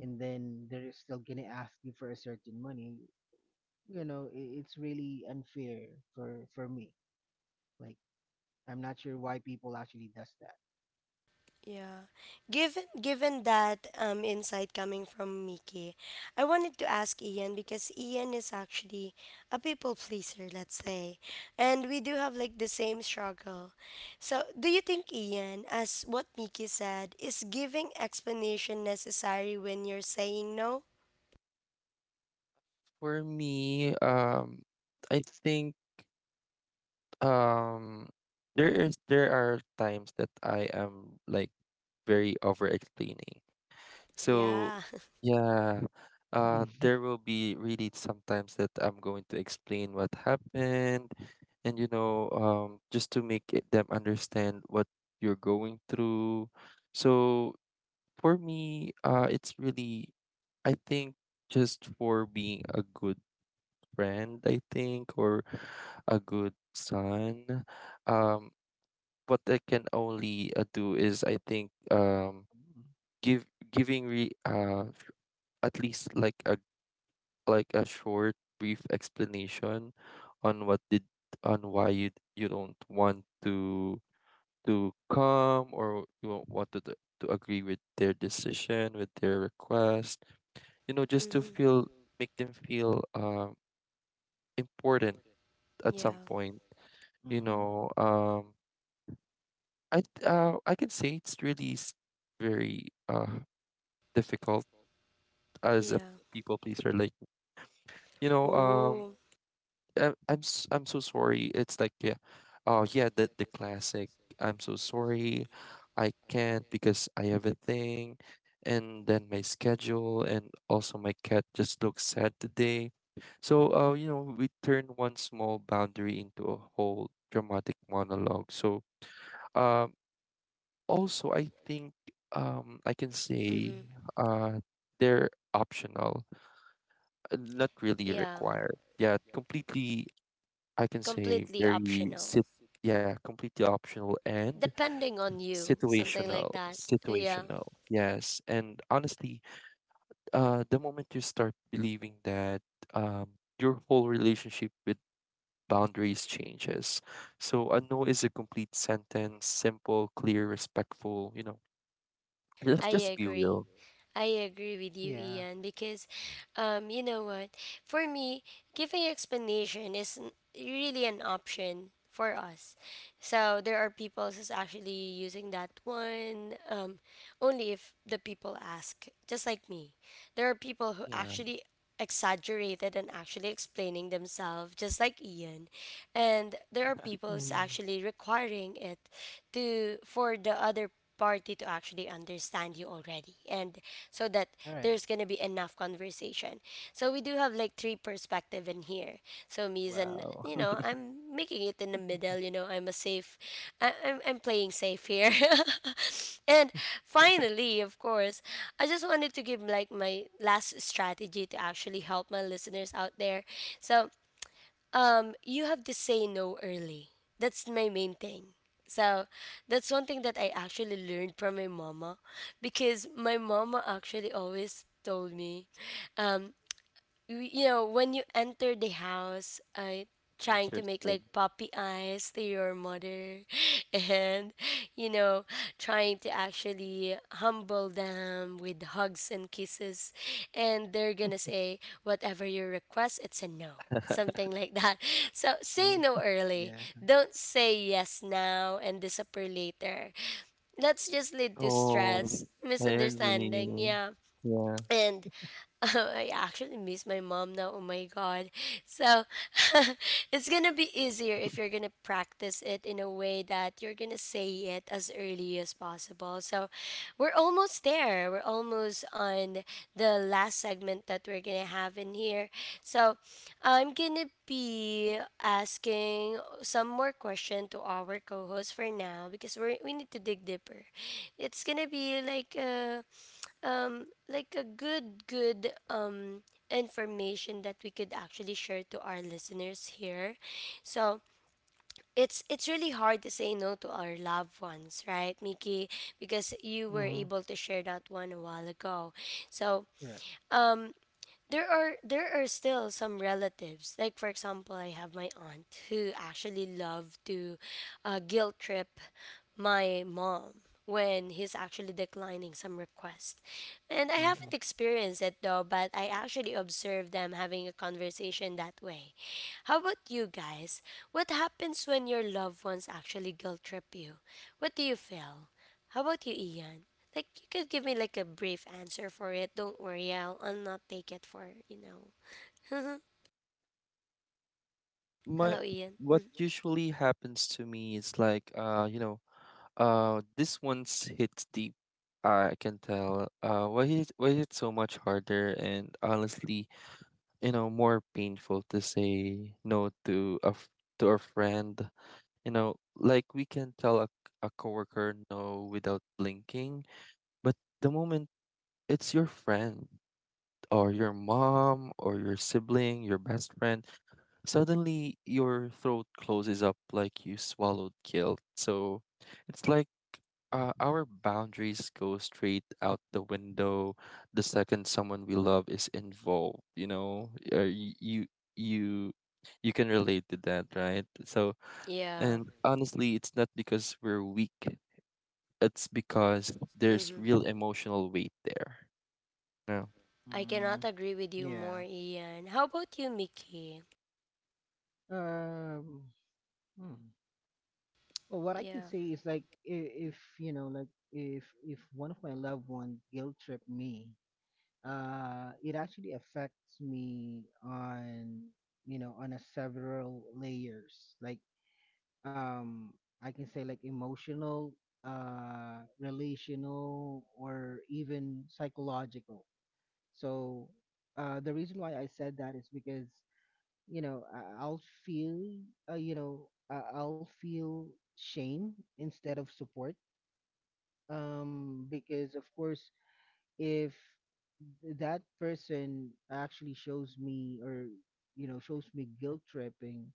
Speaker 3: and then they're still gonna ask you for a certain money? You know, it's really unfair for me. Like, I'm not sure why people actually does that.
Speaker 1: Yeah. Given that insight coming from Mickey, I wanted to ask Ian because Ian is actually a people pleaser, let's say. And we do have like the same struggle. So, do you think Ian, as what Mickey said, is giving explanation necessary when you're saying no?
Speaker 2: For me, I think um, there are times that I am like very over explaining. So
Speaker 1: Yeah. [laughs]
Speaker 2: yeah,
Speaker 3: Mm-hmm.
Speaker 2: there will be really sometimes that I'm going to explain what happened, and just to make it, them understand what you're going through. So for me, it's really, I think, just for being a good friend, I think, or a good son. Um, what I can only do is I think give giving re at least like a short brief explanation on what did on why you don't want to come or you don't want to agree with their decision, with their request, just to
Speaker 1: Hmm.
Speaker 2: feel, make them feel important at some
Speaker 1: Yeah.
Speaker 2: point,
Speaker 3: [laughs]
Speaker 2: you
Speaker 3: Mm-hmm.
Speaker 2: know um I can say it's really very difficult as a
Speaker 1: Yeah.
Speaker 2: people pleaser like. you know um
Speaker 1: Oh,
Speaker 2: I'm so sorry. It's like yeah, oh yeah, the classic. I'm so sorry, I can't because I have a thing, and then my schedule, and also my cat just looks sad today. So you know, we turn one small boundary into a whole dramatic monologue. So um, also I think I can say
Speaker 1: hmm,
Speaker 2: uh they're optional, not really
Speaker 1: yeah,
Speaker 2: required. Yeah, completely, I can say
Speaker 1: completely
Speaker 2: very
Speaker 1: optional,
Speaker 2: sit, yeah, completely optional and
Speaker 1: depending on you, something
Speaker 2: situational,
Speaker 1: like that. Yeah,
Speaker 2: situational. Yes, and honestly, the moment you start believing that, um, your whole relationship with boundaries changes. So a no is a complete sentence, simple, clear, respectful. You know, let's
Speaker 1: I
Speaker 2: just be
Speaker 1: agree.
Speaker 2: real.
Speaker 1: I agree with you,
Speaker 3: Yeah.
Speaker 1: Ian, because, you know what? For me, giving explanation is really an option for us. So there are people who's actually using that one only if the people ask, just like me. There are people who
Speaker 2: Yeah.
Speaker 1: actually exaggerated and actually explaining themselves just like Ian, and there are people's
Speaker 3: Mm-hmm.
Speaker 1: actually requiring it to for the other party to actually understand you already and so that
Speaker 3: All right.
Speaker 1: there's going to be enough conversation. So we do have like three perspective in here. So me is an
Speaker 2: Wow.
Speaker 1: you know
Speaker 2: [laughs]
Speaker 1: I'm making it in the middle. You know I'm a safe. I'm playing safe here. [laughs] And finally, of course, I just wanted to give like my last strategy to actually help my listeners out there. So you have to say no early. That's my main thing. So that's one thing that I actually learned from my mama because my mama actually always told me, um you know, when you enter the house, trying to make
Speaker 2: Interesting.
Speaker 1: like puppy eyes to your mother [laughs] and, you know, trying to actually humble them with hugs and kisses. And they're going to say, whatever you request, it's a no. Something like that. [laughs] So say
Speaker 3: Yeah.
Speaker 1: no
Speaker 3: [laughs]
Speaker 1: early.
Speaker 3: Yeah.
Speaker 1: Don't say yes now and disappear later. That's just lead to
Speaker 2: Oh,
Speaker 1: stress,
Speaker 2: I agree.
Speaker 1: misunderstanding, yeah.
Speaker 2: Yeah.
Speaker 1: And [laughs] I actually miss my mom now. Oh my god. So [laughs] it's gonna be easier if you're gonna practice it in a way that you're gonna say it as early as possible. So we're almost there. We're almost on the last segment that we're gonna have in here. So I'm gonna be asking some more question to our co-host for now because we need to dig deeper. It's gonna be like a good good information that we could actually share to our listeners here. So it's really hard to say no to our loved ones, right Mickey? Because you were
Speaker 3: Mm-hmm.
Speaker 1: able to share that one a while ago. So
Speaker 3: Correct.
Speaker 1: um there are still some relatives, like for example I have my aunt who actually love to guilt trip my mom when he's actually declining some request. And I
Speaker 3: Mm-hmm.
Speaker 1: haven't experienced it though, but I actually observed them having a conversation that way. How about you guys? What happens when your loved ones actually guilt trip you? What do you feel? How about you, ian? Like you could give me like a brief answer for it. Don't worry, I'll not take it for you know. [laughs]
Speaker 2: My,
Speaker 1: Hello, Ian.
Speaker 2: what
Speaker 1: Mhm.
Speaker 2: usually happens to me is like you know, this one's hits deep. I can tell, why is it so much harder and, honestly, you know, more painful to say no to to a friend. You know, like we can tell a coworker no without blinking, but the moment it's your friend or your mom or your sibling, your best friend, suddenly your throat closes up like you swallowed guilt. So it's like, our boundaries go straight out the window the second someone we love is involved. You know, you you can relate to that, right? So,
Speaker 1: Yeah.
Speaker 2: and honestly, it's not because we're weak. It's because there's real
Speaker 1: Mm-hmm.
Speaker 2: emotional weight there. Yeah.
Speaker 1: I
Speaker 3: Mm,
Speaker 1: cannot agree with you
Speaker 3: yeah.
Speaker 1: more, Ian. How about you, Mickey?
Speaker 3: Um. Hmm. Well, what I can
Speaker 1: Yeah.
Speaker 3: say is like, if, like, if one of my loved one guilt trip me, it actually affects me on, a several layers. Like, um, I can say, like, emotional, relational, or even psychological. So, the reason why I said that is because you know I- i'll feel I- I'll feel shame instead of support, because of course, if that person actually shows me, or shows me guilt tripping,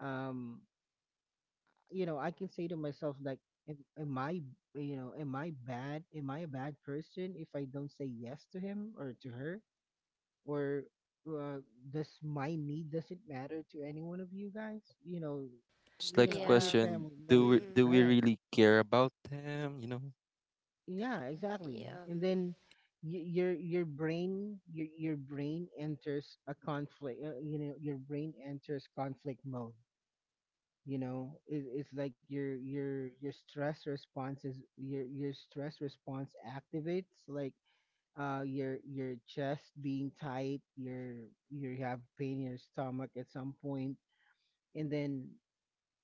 Speaker 3: um I can say to myself, like, am, am i am I bad? Am I a bad person if I don't say yes to him or to her? Or, uh, does my need doesn't matter to any one of you guys?
Speaker 2: It's
Speaker 3: You
Speaker 2: like a
Speaker 3: know I'm your
Speaker 1: Yeah.
Speaker 2: question,
Speaker 3: family
Speaker 2: do
Speaker 3: member,
Speaker 1: Mm-hmm.
Speaker 2: we
Speaker 3: right?
Speaker 2: really care about them, you know?
Speaker 3: Yeah, exactly.
Speaker 1: Yeah.
Speaker 3: And then, your brain, your brain enters a conflict, your brain enters conflict mode, you know. It's like your, your stress response is, your stress response activates, like, your chest being tight, you have pain in your stomach at some point. And then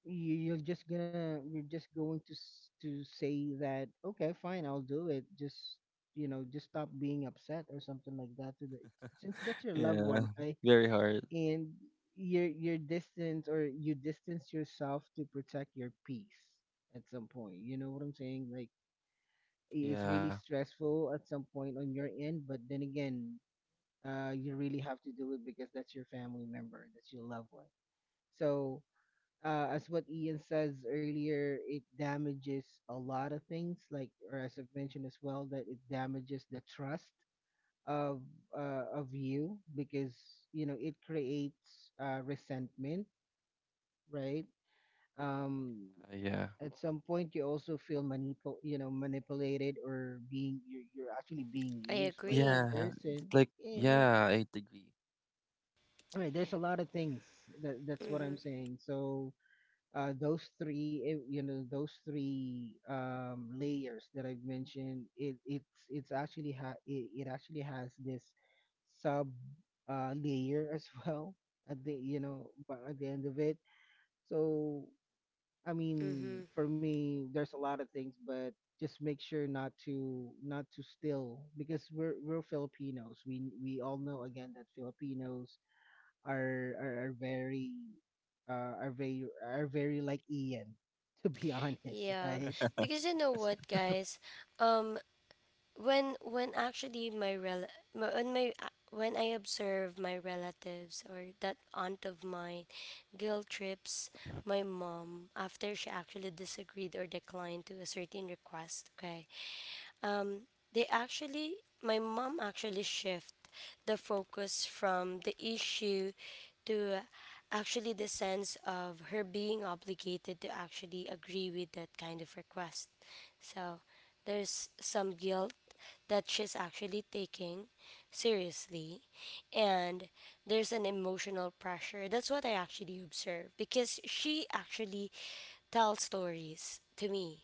Speaker 3: you, you're just gonna you're just going to s- to say that, okay, fine, I'll do it, just, just stop being upset or something like that, to the, since that's your loved
Speaker 2: Yeah,
Speaker 3: one, [laughs] right?
Speaker 2: very hard.
Speaker 3: And you're distant, or you distance yourself to protect your peace at some point. You know what I'm saying? Like, it's
Speaker 2: Yeah,
Speaker 3: really stressful at some point on your end, but then again, you really have to do it because that's your family member, that's your loved one. So, as what Ian says earlier, it damages a lot of things. Like, or as I've mentioned as well, that it damages the trust of of you, because it creates, resentment, right? Um,
Speaker 2: yeah,
Speaker 3: at some point, you also feel manipulated, or being you're actually being
Speaker 1: I
Speaker 3: used by that
Speaker 1: agree.
Speaker 2: yeah,
Speaker 3: person.
Speaker 2: like
Speaker 3: Yeah, yeah, yeah.
Speaker 2: yeah, I agree.
Speaker 3: Right, there's a lot of things that that's what
Speaker 1: Mm-hmm.
Speaker 3: I'm saying. So, those three, eh, you know, those three layers that I've mentioned, it it's actually ha it, it actually has this sub layer as [laughs] well, at the you know but at the end of it. So, I mean,
Speaker 1: Mm-hmm.
Speaker 3: for me, there's a lot of things, but just make sure not to, steal, because we're Filipinos. We all know again that Filipinos are very are very are very like Ian, to be [laughs] honest,
Speaker 1: Yeah.
Speaker 3: right?
Speaker 1: Because you know what, guys? Um, when actually when my when I observe my relatives or that aunt of mine guilt trips my mom after she actually disagreed or declined to a certain request, okay? Um, they actually, my mom actually shift the focus from the issue to actually the sense of her being obligated to actually agree with that kind of request. So there's some guilt that she's actually taking seriously, and there's an emotional pressure, that's what I actually observe because she actually tells stories to me.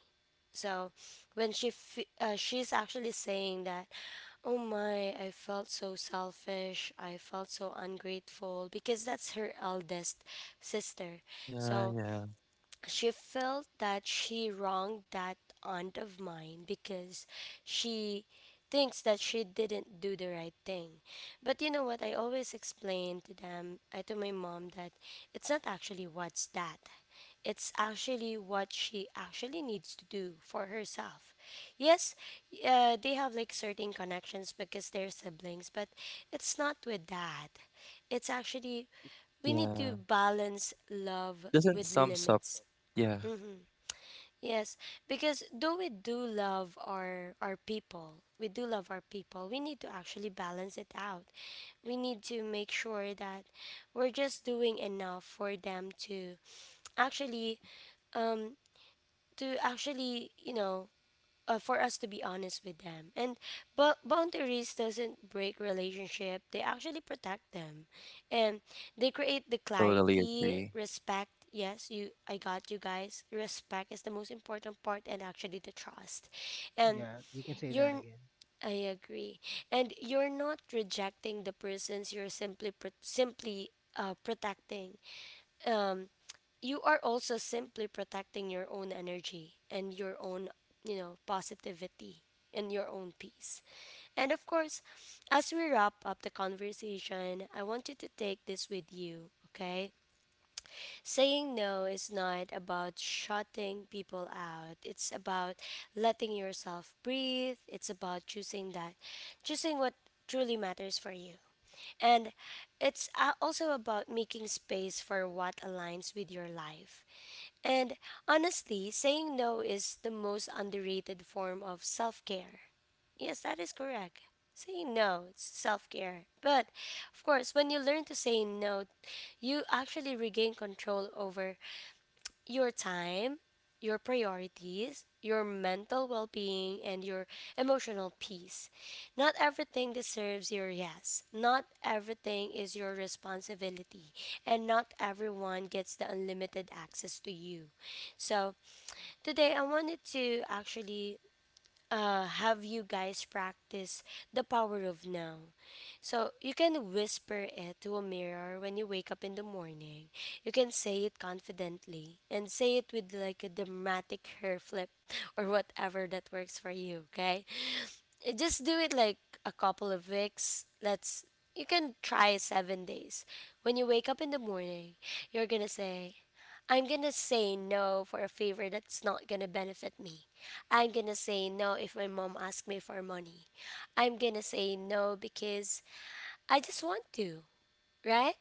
Speaker 1: So when she's actually saying that, "Oh my, I felt so selfish. I felt so ungrateful because that's her eldest sister."
Speaker 2: Yeah,
Speaker 1: So
Speaker 2: yeah,
Speaker 1: she felt that she wronged that aunt of mine because she thinks that she didn't do the right thing. But you know what? I always explain to them, I to my mom, that it's not actually what's that. It's actually what she actually needs to do for herself. Yes, they have like certain connections because they're siblings, but it's not with that. It's actually, we need to
Speaker 2: yeah.
Speaker 1: balance love
Speaker 2: Doesn't
Speaker 1: with
Speaker 2: sums up.
Speaker 1: limits.
Speaker 2: Yeah,
Speaker 1: Yes, because though we do love our people, we do love our people. We need to actually balance it out. We need to make sure that we're just doing enough for them actually um to actually you know for us to be honest with them, and but boundaries doesn't break relationship, they actually protect them. And they create the
Speaker 2: totally
Speaker 1: clarity,
Speaker 2: agree.
Speaker 1: respect, yes you I got you guys, respect is the most important part, and actually the trust. And
Speaker 3: Yeah, you can say that
Speaker 1: you're
Speaker 3: again.
Speaker 1: I agree. And you're not rejecting the persons, you're simply protecting. Um you are also simply protecting your own energy and your own you know positivity and your own peace. And of course, as we wrap up the conversation, I want you to take this with you, okay? Saying no is not about shutting people out, it's about letting yourself breathe, it's about choosing what truly matters for you. And it's also about making space for what aligns with your life. And honestly, saying no is the most underrated form of self care. Yes, that is correct. Saying no, it's self care. But of course, when you learn to say no, you actually regain control over your time, your priorities, your mental well being, and your emotional peace. Not everything deserves your yes. Not everything is your responsibility. And not everyone gets the unlimited access to you. So, today I wanted to actually have you guys practice the power of now. So, you can whisper it to a mirror when you wake up in the morning. You can say it confidently and say it with like a dramatic hair flip [laughs] or whatever that works for you, okay? Just do it like a couple of weeks. Let's you can try 7 days. When you wake up in the morning, you're going to say, I'm going to say no for a favor that's not going to benefit me. I'm going to say no if my mom asks me for money. I'm going to say no because I just want to, right?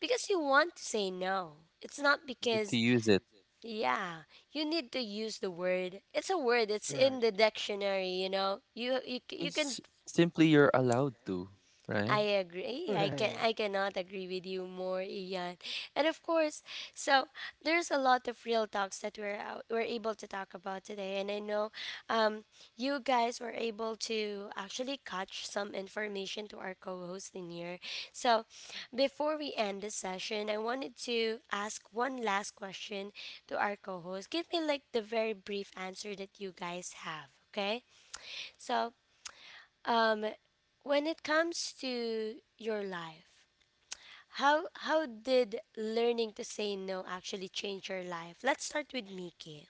Speaker 1: Because you want to say no. It's not
Speaker 2: You need to
Speaker 1: because,
Speaker 2: use it.
Speaker 1: yeah, you need to use the word. It's a word. It's
Speaker 3: Correct.
Speaker 1: in
Speaker 3: [laughs]
Speaker 1: the dictionary. You know, you can
Speaker 2: Because simply you're allowed to, right?
Speaker 1: I agree.
Speaker 3: Right.
Speaker 1: I cannot agree with you more, Ian. And of course, so there's a lot of real talks that we're able to talk about today. And I know, um, you guys were able to actually catch some information to our co-host in here. So, before we end this session, I wanted to ask one last question to our co-host. Give me like the very brief answer that you guys have. Okay, so um, when it comes to your life, how did learning to say no actually change your life? Let's start with Miki.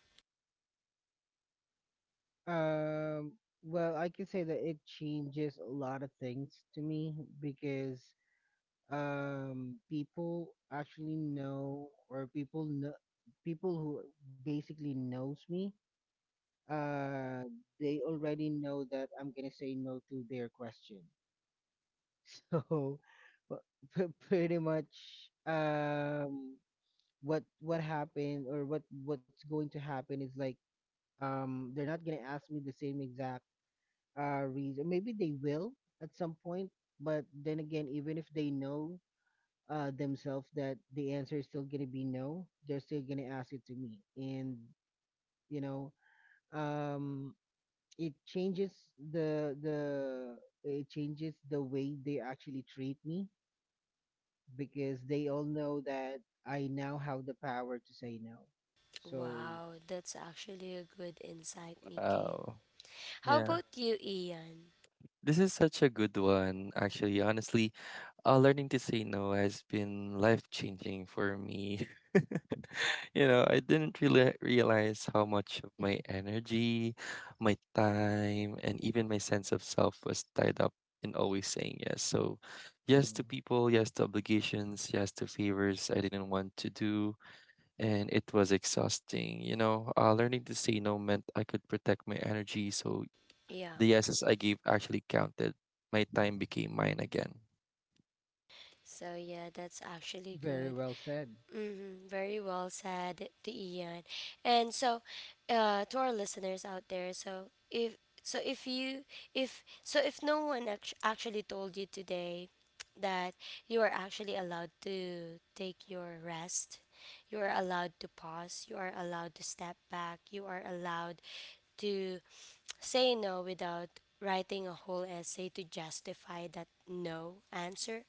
Speaker 3: Um, well, I can say that it changes a lot of things to me, because, people know, people who basically knows me, uh, they already know that I'm gonna say no to their question. So [laughs] wha- pretty much, um what happened, or what's going to happen is like, they're not gonna ask me the same exact, reason. Maybe they will at some point, but then again, even if they know, themselves, that the answer is still gonna be no, they're still gonna ask it to me. And, you know, um it changes the the it changes the way they actually treat me, because they all know that I now have the power to say no. So.
Speaker 1: Wow, that's actually a good insight, Miki.
Speaker 2: Wow.
Speaker 1: How
Speaker 2: Yeah.
Speaker 1: about you, Ian?
Speaker 2: This is such a good one, actually. Honestly, learning to say no has been life changing for me. [laughs] You know, I didn't really realize how much of my energy, my time, and even my sense of self was tied up in always saying yes. So, yes to
Speaker 3: Mm.
Speaker 2: people, yes to obligations, yes to favors I didn't want to do. And it was exhausting. You know, learning to say no meant I could protect my energy. So,
Speaker 1: Yeah.
Speaker 2: the yeses I gave actually counted. My time became mine again.
Speaker 1: So yeah, that's actually
Speaker 3: Very
Speaker 1: good.
Speaker 3: well said.
Speaker 1: Mm-hmm, very well said, the Ian. And so, to our listeners out there, so, if you if so, if no one actually told you today that you are actually allowed to take your rest, you are allowed to pause, you are allowed to step back, you are allowed to say no without writing a whole essay to justify that no answer.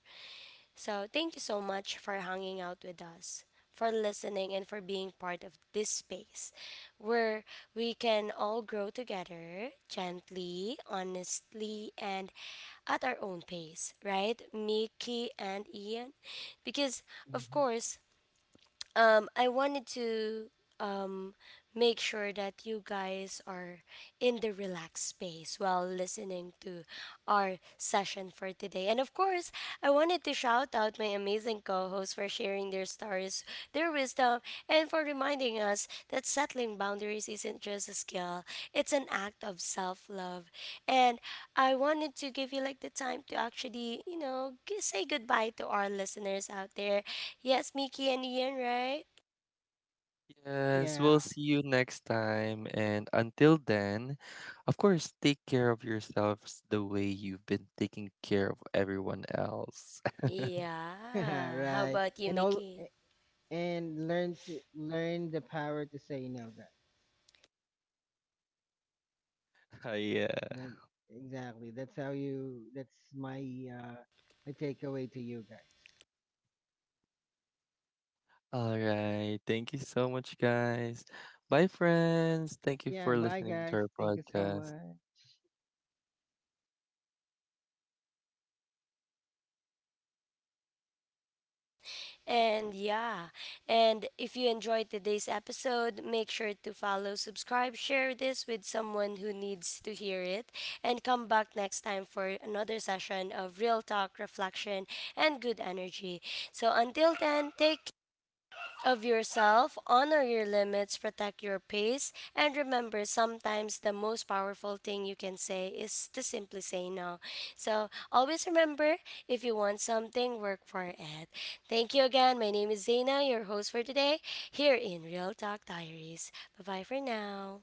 Speaker 1: So, thank you so much for hanging out with us, for listening, and for being part of this space where we can all grow together gently, honestly, and at our own pace, right? Mickey and Ian? Because, of
Speaker 3: Hmm.
Speaker 1: course, I wanted to um, make sure that you guys are in the relaxed space while listening to our session for today. And of course, I wanted to shout out my amazing co hosts for sharing their stories, their wisdom, and for reminding us that settling boundaries isn't just a skill, it's an act of self love. And I wanted to give you like the time to actually, you know, say goodbye to our listeners out there. Yes, Mickey and Ian, right?
Speaker 2: Yes,
Speaker 3: Yeah,
Speaker 2: we'll see you next time. And until then, of course, take care of yourselves the way you've been taking care of everyone else.
Speaker 3: [laughs]
Speaker 1: Yeah. How
Speaker 3: right.
Speaker 1: about you,
Speaker 3: And
Speaker 1: Mickey?
Speaker 3: learn the power to say no. That
Speaker 2: [laughs] Yeah.
Speaker 3: that exactly. That's how you. That's my uh takeaway to you guys.
Speaker 2: All right. Thank you so much, guys. Bye, friends. Thank you
Speaker 3: Yeah.
Speaker 2: for
Speaker 3: Bye,
Speaker 2: listening
Speaker 3: guys.
Speaker 2: to our
Speaker 3: Thank you so
Speaker 2: podcast.
Speaker 3: much.
Speaker 1: And yeah, and if you enjoyed today's episode, make sure to follow, subscribe, share this with someone who needs to hear it, and come back next time for another session of real talk, reflection, and good energy. So until then, take care of yourself, honor your limits, protect your pace, and remember sometimes the most powerful thing you can say is to simply say no. So always remember, if you want something, work for it. Thank you again. My name is Zaina, your host for today, here in Real Talk Diaries. Bye bye for now.